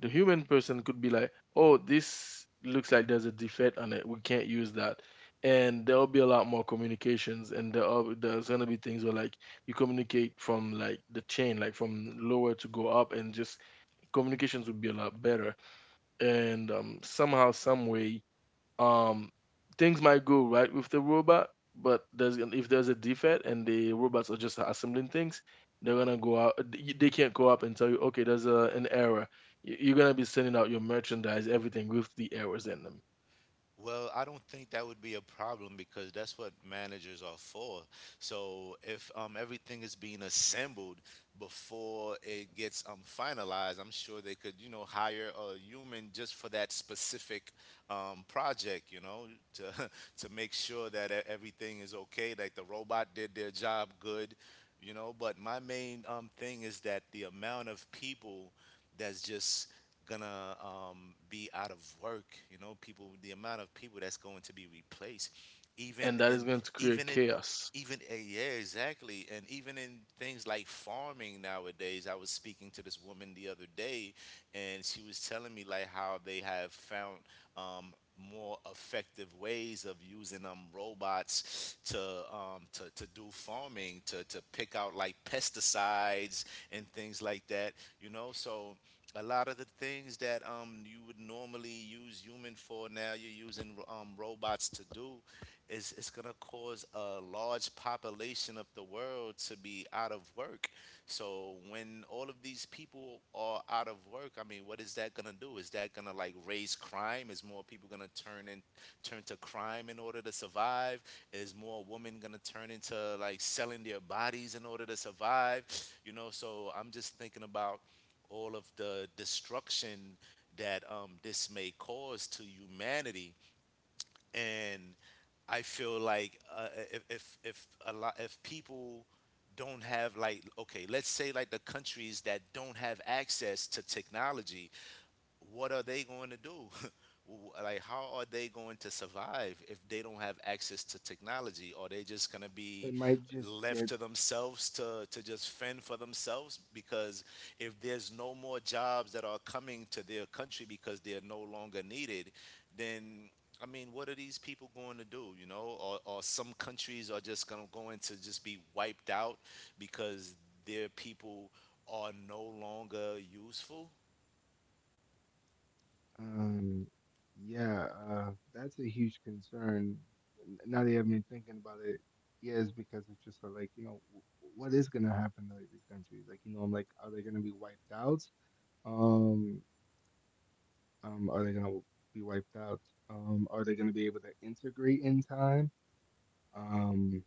Speaker 3: The human person could be like, oh, this looks like there's a defect on it. We can't use that. And there'll be a lot more communications, and there's gonna be things where like you communicate from like the chain, like from lower to go up, and just communications would be a lot better. And somehow, some way, um things might go right with the robot, but there's if there's a defect and the robots are just assembling things, they're gonna go out. They can't go up and tell you okay, there's an error. You're gonna be sending out your merchandise, everything with the errors in them.
Speaker 1: Well, I don't think that would be a problem because that's what managers are for. So if everything is being assembled before it gets finalized, I'm sure they could, you know, hire a human just for that specific project, you know, to (laughs) to make sure that everything is okay, like the robot did their job good, you know. But my main thing is that the amount of people that's just gonna be out of work. You know, people, the amount of people that's going to be replaced,
Speaker 3: And
Speaker 1: even
Speaker 3: that is
Speaker 1: in
Speaker 3: going to create
Speaker 1: even in
Speaker 3: chaos.
Speaker 1: even yeah, exactly, and even in things like farming nowadays. I was speaking to this woman the other day, and she was telling me like how they have found um, more effective ways of using robots to to do farming to pick out like pesticides and things like that, you know. So a lot of the things that you would normally use human for, now you're using robots to do, is it's going to cause a large population of the world to be out of work. So when all of these people are out of work, I mean what is that going to do? Is that going to like raise crime? Is more people going to turn to crime in order to survive? Is more women going to turn into like selling their bodies in order to survive? You know, so I'm just thinking about all of the destruction that this may cause to humanity. And I feel like if, if a lot, if people don't have like, okay, let's say like the countries that don't have access to technology, what are they going to do? (laughs) Like, how are they going to survive if they don't have access to technology? Are they just going to
Speaker 2: They
Speaker 1: be
Speaker 2: might just get.
Speaker 1: left to themselves to just fend for themselves? Because if there's no more jobs that are coming to their country because they're no longer needed, then what are these people going to do? Or some countries are just going to go into just be wiped out because their people are no longer useful.
Speaker 2: Um, yeah, that's a huge concern. Now that you have me thinking about it, yes, because it's just like, you know, what is gonna happen to, like, these countries? Like, you know, are they gonna be wiped out? Um, are they gonna be wiped out? Are they gonna be able to integrate in time? Um,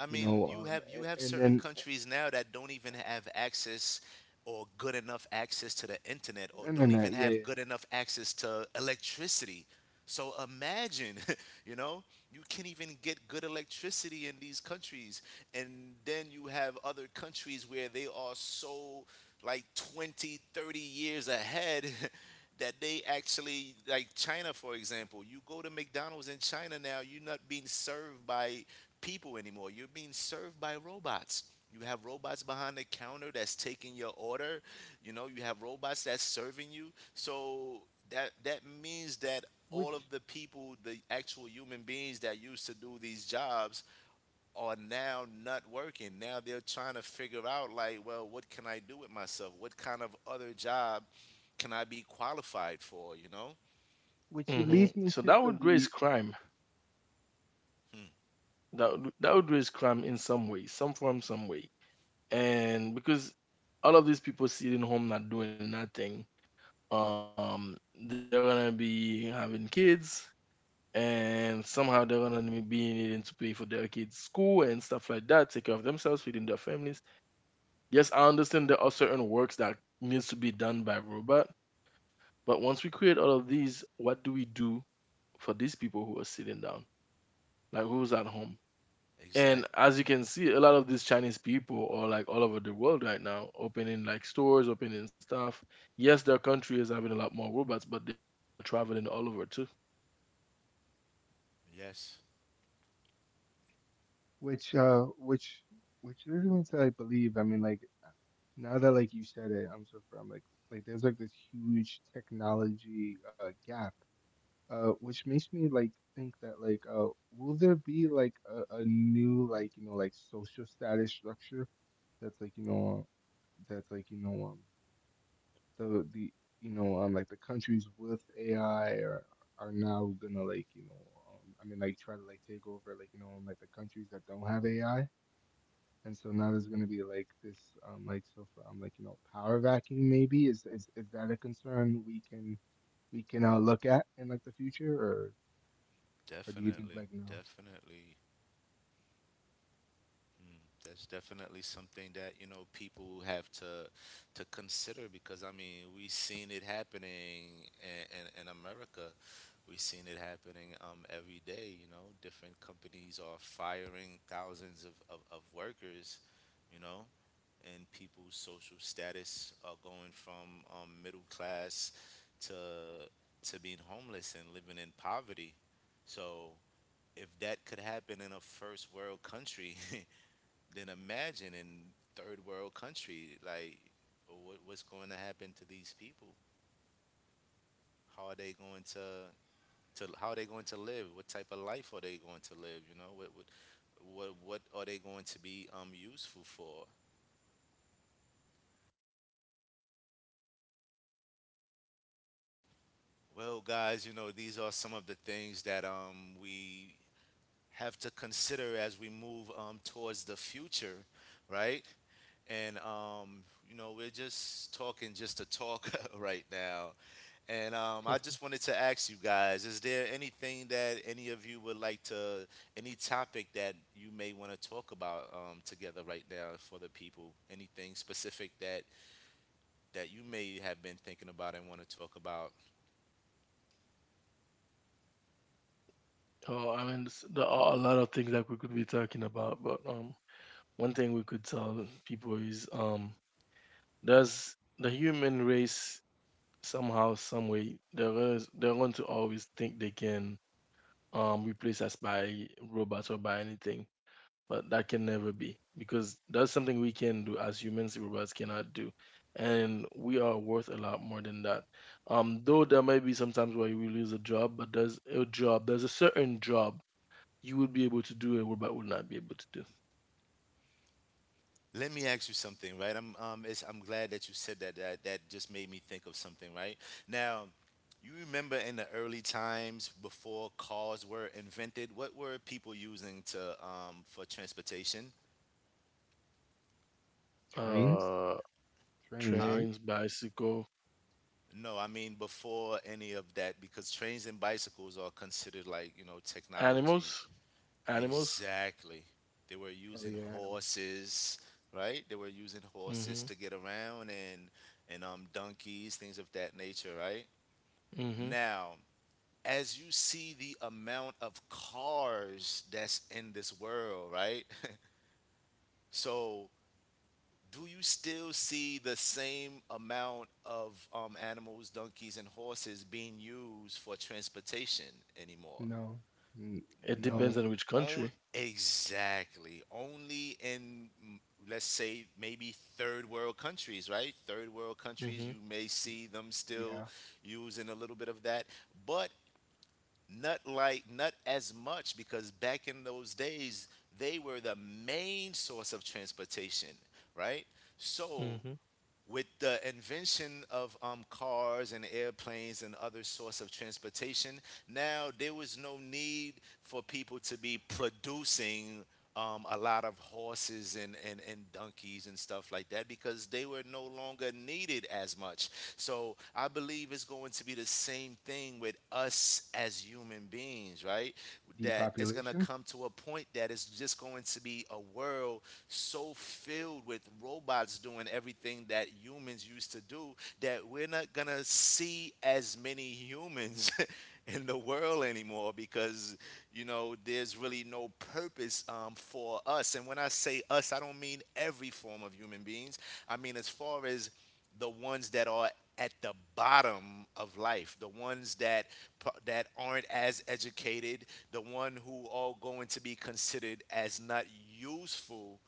Speaker 1: I
Speaker 2: you
Speaker 1: mean,
Speaker 2: know,
Speaker 1: you have
Speaker 2: and
Speaker 1: certain
Speaker 2: then
Speaker 1: countries now that don't even have access or good enough access to the internet, or don't even
Speaker 2: internet, yeah, yeah,
Speaker 1: have good enough access to electricity. So imagine, (laughs) you know, you can't even get good electricity in these countries. And then you have other countries where they are so like 20, 30 years ahead (laughs) that they actually, like, China for example. You go to McDonald's in China now, you're not being served by people anymore. You're being served by robots. You have robots behind the counter that's taking your order. You know, you have robots that's serving you. So that means that all of
Speaker 2: which
Speaker 1: the people, the actual human beings that used to do these jobs, are now not working. Now they're trying to figure out, like, well, what can I do with myself? What kind of other job can I be qualified for, you know?
Speaker 2: which
Speaker 3: Hmm.
Speaker 2: leads me
Speaker 3: So
Speaker 2: to
Speaker 3: that would raise
Speaker 2: believe.
Speaker 3: crime.
Speaker 1: Hmm,
Speaker 3: That would raise crime in some way, some form, some way. And because all of these people sitting home not doing nothing, um they're gonna be having kids, and somehow they're gonna be needing to pay for their kids' school and stuff like that, take care of themselves, feeding their families. Yes, I understand there are certain works that needs to be done by robot, but once we create all of these, what do we do for these people who are sitting down, like who's at home? And
Speaker 1: exactly.
Speaker 3: as you can see, a lot of these Chinese people are like all over the world right now, opening like stores, opening stuff. Yes, their country is having a lot more robots, but they're traveling all over too.
Speaker 1: Yes,
Speaker 2: Which which really means that I believe. I mean, like, uh, now that like you said it, I'm so from like there's like this huge technology gap. Which makes me like think that like, will there be like a new, like you know, like social status structure, that's like you know, that's like you know, um, the, you know um, like the countries with AI are, now gonna, like you know, um, I mean, like, try to like take over, like you know, like the countries that don't have AI. And so now there's going to be like this, like, so from like, you know, power vacuum. Maybe, is that a concern we can, look at in like the future, or do you think
Speaker 1: definitely.
Speaker 2: like no?
Speaker 1: Definitely. Mm, that's definitely something that, you know, people have to consider because I mean we've seen it happening in America. We've seen it happening every day. You know, different companies are firing thousands of, of workers. You know, and people's social status are going from middle class to to being homeless and living in poverty. So if that could happen in a first world country, (laughs) then imagine in third world country, like what what's going to happen to these people? How are they going to how are they going to live? What type of life are they going to live? You know, what are they going to be useful for? Well, guys, you know, these are some of the things that we have to consider as we move towards the future, right? and you know, we're just talking just to talk (laughs) right now. And
Speaker 3: Hmm.
Speaker 1: I just wanted to ask you guys: is there anything that any of you would like to, any topic that you may want to talk about, together right now for the people? Anything specific that that you may have been thinking about and want to talk about?
Speaker 3: Oh, I mean, there are a lot of things that we could be talking about, but one thing we could tell people is, there's the human race. Somehow, some way, they're going to always think they can replace us by robots or by anything, but that can never be, because that's something we can do as humans, robots cannot do, and we are worth a lot more than that. Though there may be sometimes where we lose a job, but there's a certain job you would be able to do and robot would not be able to do.
Speaker 1: Let me ask you something, right? I'm glad that you said that. That just made me think of something, right? Now, you remember in the early times before cars were invented, what were people using to, for transportation?
Speaker 2: Trains,
Speaker 3: Uh,
Speaker 2: trains,
Speaker 1: Huh?
Speaker 2: right?
Speaker 3: trains, bicycle,
Speaker 1: No, I mean before any of that, because trains and bicycles are considered, like, you know, technology.
Speaker 3: animals, animals.
Speaker 1: Exactly. They were
Speaker 2: Oh
Speaker 1: using
Speaker 2: yeah, animal.
Speaker 1: horses, right? They were using horses
Speaker 3: Mhm,
Speaker 1: to get around, and donkeys, things of that nature, right?
Speaker 3: mhm.
Speaker 1: Now, as you see the amount of cars that's in this world, right? (laughs) So, do you still see the same amount of, animals, donkeys, and horses being used for transportation anymore?
Speaker 2: No, N-
Speaker 3: It
Speaker 2: no,
Speaker 1: No.
Speaker 3: depends on which
Speaker 1: On
Speaker 3: country.
Speaker 1: exactly. Only in let's say maybe third world countries, right? Third world countries, you
Speaker 3: Mhm,
Speaker 1: may
Speaker 2: y-
Speaker 1: see them still
Speaker 2: yeah,
Speaker 1: using a little bit of that, but not like not as much, because back in those days they were the main source of transportation, right? So
Speaker 3: mhm,
Speaker 1: with the invention of, cars and airplanes and other source of transportation, now there was no need for people to be producing a lot of horses and, and donkeys and stuff like that, because they were no longer needed as much. So I believe it's going to be the same thing with us as human beings, right? That it's going to
Speaker 2: depopulation.
Speaker 1: come to a point that it's just going to be a world so filled with robots doing everything that humans used to do, that we're not going to see as many humans (laughs) in the world anymore. Because, you know, there's really no purpose, for us. And when I say us, I don't mean every form of human beings. I mean as far as the ones that are at the bottom of life, the ones that that aren't as educated, the one who are going to be considered as not useful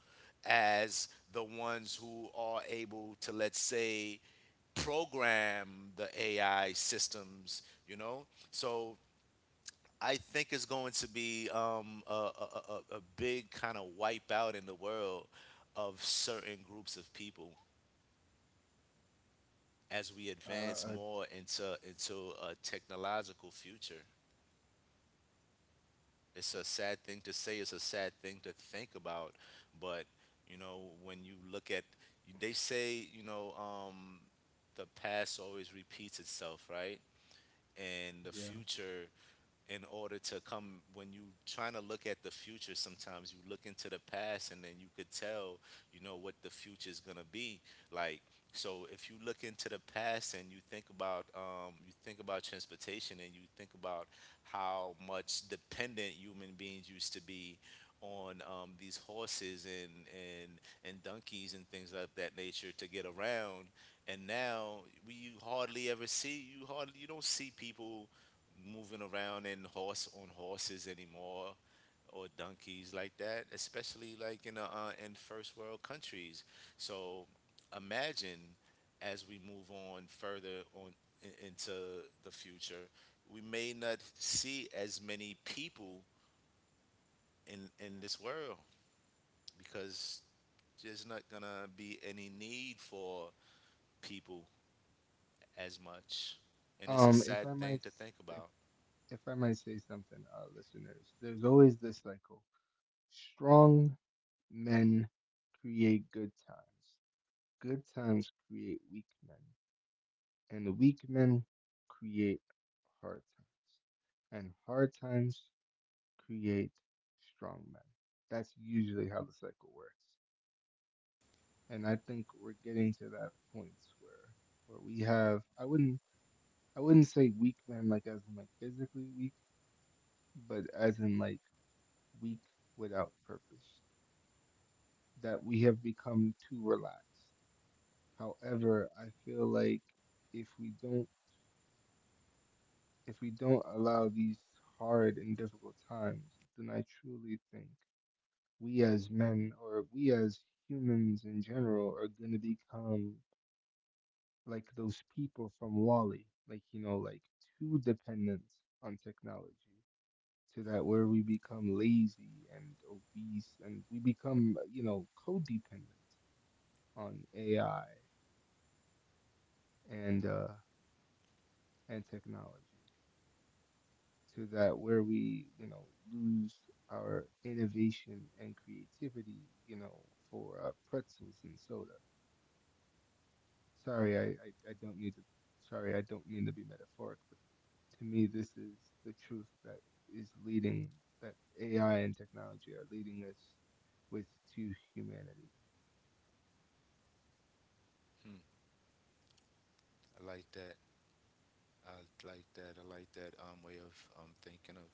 Speaker 1: as the ones who are able to, let's say, program the AI systems, you know? So I think it's going to be a big kind of wipeout in the world of certain groups of people as we advance
Speaker 2: Uh, uh,
Speaker 1: more into a technological future. It's a sad thing to say, it's a sad thing to think about, but you know, when you look at, they say, you know, the past always repeats itself, right? And the
Speaker 2: yeah.
Speaker 1: future, in order to come, when you trying to look at the future, sometimes you look into the past, and then you could tell, you know, what the future is going to be like. So if you look into the past and you think about, you think about transportation, and you think about how much dependent human beings used to be on, these horses, and donkeys and things of that nature, to get around. And now we you hardly ever see, you hardly you don't see people moving around in horses anymore, or donkeys like that, especially like in a, in first world countries. So imagine, as we move on further on in, into the future, we may not see as many people in this world, because there's not gonna be any need for people as much, and it's a
Speaker 2: If
Speaker 1: sad
Speaker 2: I might,
Speaker 1: thing to think about.
Speaker 2: if I might say something, listeners, there's always this cycle: strong men create good times, good times create weak men, and weak men create hard times, and hard times create strong men. That's usually how the cycle works. And I think we're getting to that point, where we have, I wouldn't say weak men like as in like physically weak, but as in like weak without purpose. That we have become too relaxed. However, I feel like if we don't if we don't allow these hard and difficult times, then I truly think we as men, or we as humans in general are going to become like those people from Wally, like, you know, like too dependent on technology, to that where we become lazy and obese, and we become, you know, codependent on AI and, uh, and technology, to that where we, you know, lose our innovation and creativity, you know, for pretzels and soda. Sorry, I don't need to. Sorry, I don't mean to be metaphoric, but to me, this is the truth that is leading, that AI and technology are leading us with, to humanity.
Speaker 1: Hmm, I like that. I like that way of thinking of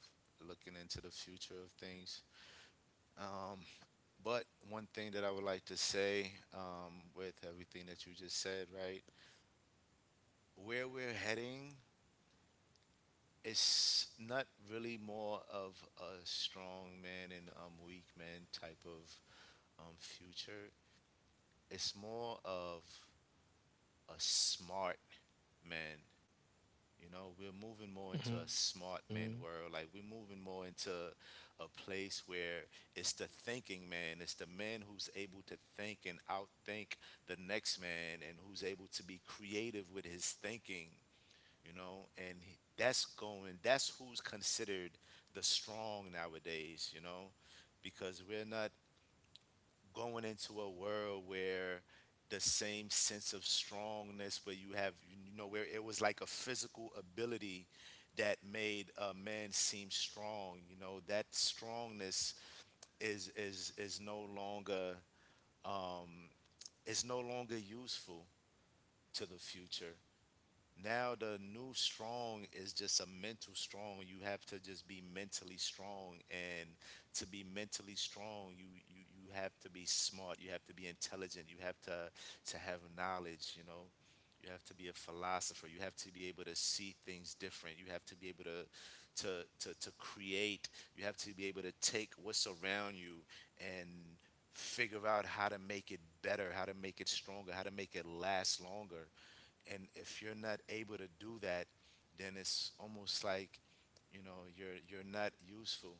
Speaker 1: looking into the future of things. Um, but one thing that I would like to say, with everything that you just said, right? Where we're heading is not really more of a strong man and, weak man type of future. It's more of a smart man. You know, we're
Speaker 3: mhm,
Speaker 1: moving more into a smart man world. Like we're moving more into a place where it's the thinking man. It's the man who's able to think and outthink the next man, and who's able to be creative with his thinking. You know, and that's going, that's who's considered the strong nowadays. You know, because we're not going into a world where the same sense of strongness where you have, you know, where it was like a physical ability that made a man seem strong. You know, that strongness is no longer um is no longer useful to the future. Now the new strong is just a mental strong. You have to just be mentally strong, and to be mentally strong, you have to be smart, you have to be intelligent, you have to have knowledge, you know, you have to be a philosopher, you have to be able to see things different, you have to be able to to create, you have to be able to take what's around you and figure out how to make it better, how to make it stronger, how to make it last longer. And if you're not able to do that, then it's almost like, you know, you're not useful,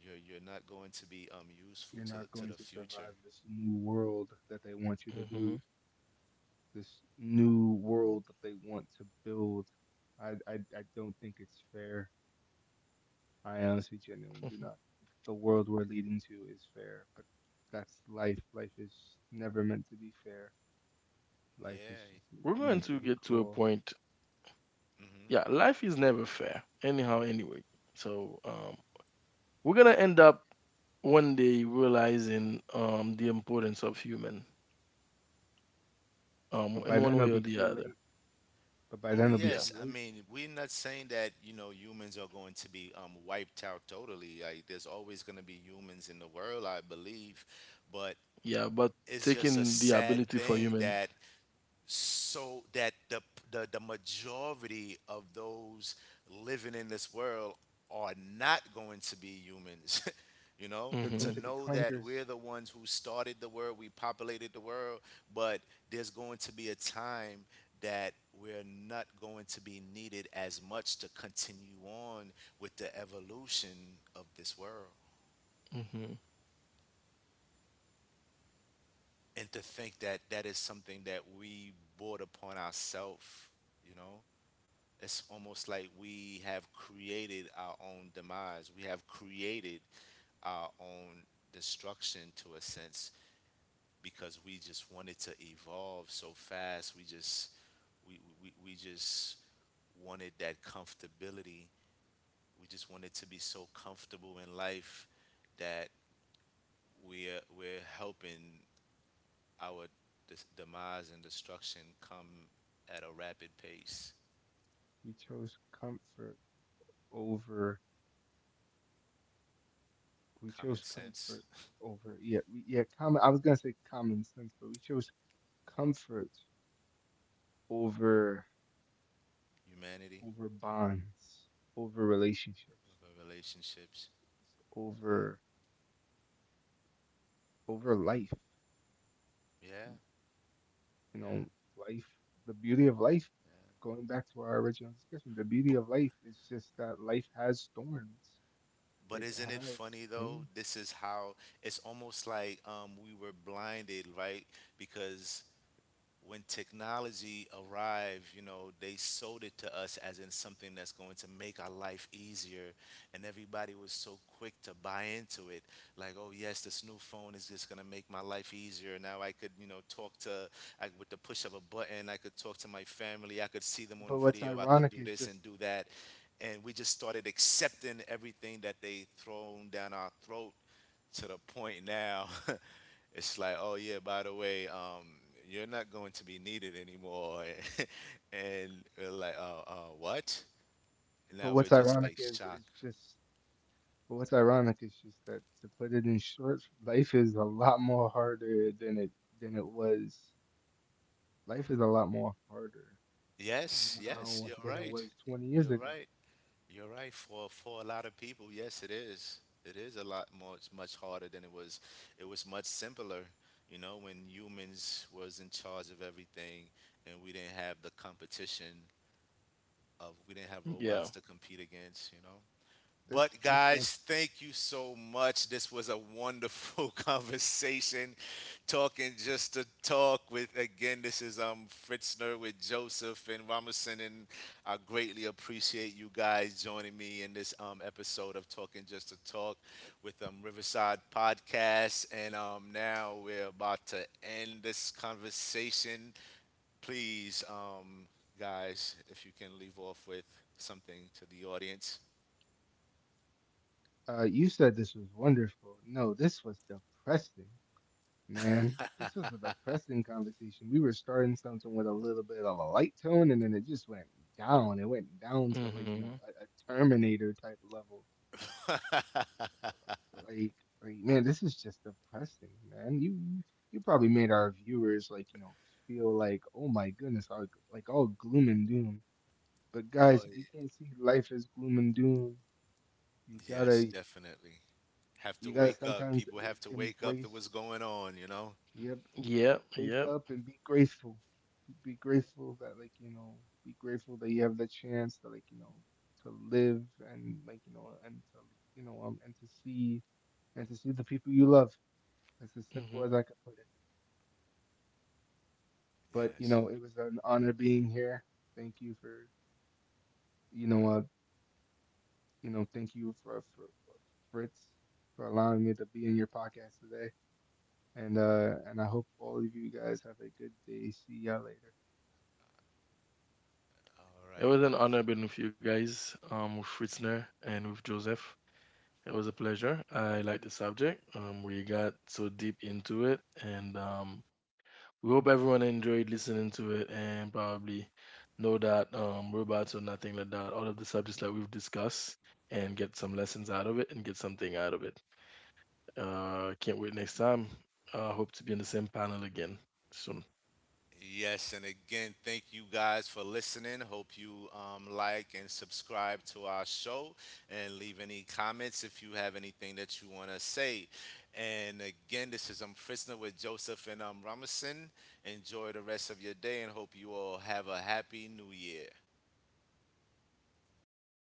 Speaker 1: you're not going to be useful
Speaker 2: You're not
Speaker 1: to
Speaker 2: going
Speaker 1: the
Speaker 2: to
Speaker 1: future.
Speaker 2: survive this new world that
Speaker 3: mhm.
Speaker 2: they want you to do, this new world that they want to build. I don't think it's fair. I
Speaker 3: (laughs)
Speaker 2: honestly genuinely do not think the world we're leading to is fair, but that's life. Life is never meant to be fair.
Speaker 3: We're
Speaker 2: Life is
Speaker 1: Yeah,
Speaker 3: going
Speaker 2: just
Speaker 3: to get
Speaker 1: I
Speaker 3: to a
Speaker 2: meant
Speaker 1: mean,
Speaker 2: to be
Speaker 3: point.
Speaker 2: cruel.
Speaker 3: Yeah, life
Speaker 1: mhm.
Speaker 3: is never fair. Anyhow, anyway. So we're gonna end up one day realizing the importance of human in
Speaker 2: But by
Speaker 3: one
Speaker 2: then
Speaker 3: way or
Speaker 2: it'll be
Speaker 3: the
Speaker 2: too
Speaker 3: other.
Speaker 2: late. But by
Speaker 1: Oh
Speaker 2: then it'll be
Speaker 3: Yeah,
Speaker 2: too
Speaker 1: yes, I
Speaker 2: late.
Speaker 1: mean, we're not saying that, you know, humans are going to be wiped out totally. Like, there's always going to be humans in the world, I believe, but
Speaker 3: yeah. But
Speaker 1: it's just a
Speaker 3: taking the
Speaker 1: sad
Speaker 3: ability for
Speaker 1: thing
Speaker 3: human.
Speaker 1: that that the, the majority of those living in this world are not going to be humans. (laughs) You know,
Speaker 2: They're
Speaker 1: to
Speaker 2: going to
Speaker 3: Mhm,
Speaker 2: be
Speaker 1: know that we're
Speaker 2: clankers.
Speaker 1: the ones who started the world, we populated the world, but there's going to be a time that we're not going to be needed as much to continue on with the evolution of this world.
Speaker 3: mhm.
Speaker 1: And to think that that is something that we brought upon ourselves, you know, it's almost like we have created our own demise. We have created our own destruction, to a sense, because we just wanted to evolve so fast. We just wanted that comfortability. We just wanted to be so comfortable in life that we're helping our demise and destruction come at a rapid pace.
Speaker 2: We chose comfort over. We
Speaker 1: Common
Speaker 2: chose
Speaker 1: sense,
Speaker 2: comfort over. Yeah, we, yeah. Common. I was gonna say common sense, but we chose comfort over,
Speaker 1: humanity,
Speaker 2: over bonds, over relationships,
Speaker 1: of our relationships. Uh,
Speaker 2: over, over life,
Speaker 1: yeah,
Speaker 2: you
Speaker 1: yeah,
Speaker 2: know, life, the beauty of life.
Speaker 1: yeah.
Speaker 2: Going back to our original discussion, the beauty
Speaker 1: But
Speaker 2: of life is just that life has storms.
Speaker 1: but
Speaker 2: It
Speaker 1: isn't it
Speaker 2: has
Speaker 1: funny though?
Speaker 2: pain.
Speaker 1: This is how it's almost like, we were blinded, right? Because when technology arrived, you know, they sold it to us as in something that's going to make our life easier. And everybody was so quick to buy into it. Like, oh yes, this new phone is just going to make my life easier. Now I could, you know, I, with the push of a button, I could talk to my family. I could see them on
Speaker 2: But what's
Speaker 1: video. I could
Speaker 2: ironic
Speaker 1: do
Speaker 2: is
Speaker 1: this
Speaker 2: just
Speaker 1: and do that. And we just started accepting everything that they thrown down our throat, to the point now (laughs) it's like, oh yeah, by the way, you're not going to be needed anymore, (laughs) and we're like, what? And
Speaker 2: but
Speaker 1: now we're
Speaker 2: what's
Speaker 1: just
Speaker 2: ironic
Speaker 1: like
Speaker 2: is it's
Speaker 1: shocked.
Speaker 2: just but what's ironic is just that, to put it in short, life is a lot more harder than it was. Life is a lot more harder
Speaker 1: Yes, yes,
Speaker 2: now
Speaker 1: you're
Speaker 2: than it
Speaker 1: right.
Speaker 2: was 20 years
Speaker 1: You're
Speaker 2: ago.
Speaker 1: right. You're right. For a lot of people, yes, it is. It is a lot more. It's much harder than it was. It was much simpler, you know, when humans was in charge of everything, and we didn't have the competition of we didn't have robots to
Speaker 3: Yeah.
Speaker 1: compete against, you know.
Speaker 2: This
Speaker 1: But
Speaker 2: this one's.
Speaker 1: guys, thank you so much. This was a wonderful (laughs) conversation, talking just to talk with. Again, this is Fritzner with Joseph and Ramerson, and I greatly appreciate you guys joining me in this episode of Talking Just to Talk with Riverside Podcast. And now we're about to end this conversation. Please, guys, if you can leave off with something to the audience.
Speaker 2: Uh, you said this was wonderful. No, this was depressing. Man, this was a depressing conversation. We were starting something with a little bit of a light tone, and then it just went down. It went down to, like, you
Speaker 3: Mhm.
Speaker 2: know, a Terminator type level. Like, like, man, this is just depressing, man. You probably made our viewers, like, you know, feel like, oh my goodness, all, like all gloom and doom. But
Speaker 1: Oh
Speaker 2: guys, you can't see life as gloom and doom. You
Speaker 1: yes,
Speaker 2: gotta,
Speaker 1: definitely. Have to wake up.
Speaker 2: sometimes
Speaker 1: People have to wake up to what's
Speaker 2: embrace.
Speaker 1: going on, you know?
Speaker 2: Yep,
Speaker 3: Yep,
Speaker 2: wake
Speaker 3: yep.
Speaker 2: up and be grateful. Be grateful that, like, you know, be grateful that you have the chance to, like, you know, to live, and, like, you know, and to, you know, um, and to see, and to see the people you love. It's as simple
Speaker 3: Mhm.
Speaker 2: as I could put it. But you
Speaker 1: Yes.
Speaker 2: know, it was an honor being here. Thank you for, you know uh you know, thank you for for Fritz, for allowing me to be in your podcast today. And I hope all of you guys have a good day. See y'all later.
Speaker 1: All
Speaker 3: It
Speaker 1: right.
Speaker 3: was an
Speaker 1: Well,
Speaker 3: honor being with you guys, with Fritzner and with Joseph. It was a pleasure. I like the subject. We got so deep into it, and we hope everyone enjoyed listening to it and probably know that robots or nothing like that. All of the subjects that we've discussed, and get some lessons out of it and get something out of it. Can't wait next time. Hope to be in the same panel again soon.
Speaker 1: yes, and again, thank you guys for listening. Hope you like and subscribe to our show, and leave any comments if you have anything that you want to say. And again, this is Frisner with Joseph and Ramison. Enjoy the rest of your day, and hope you all have a happy new year.
Speaker 3: All right.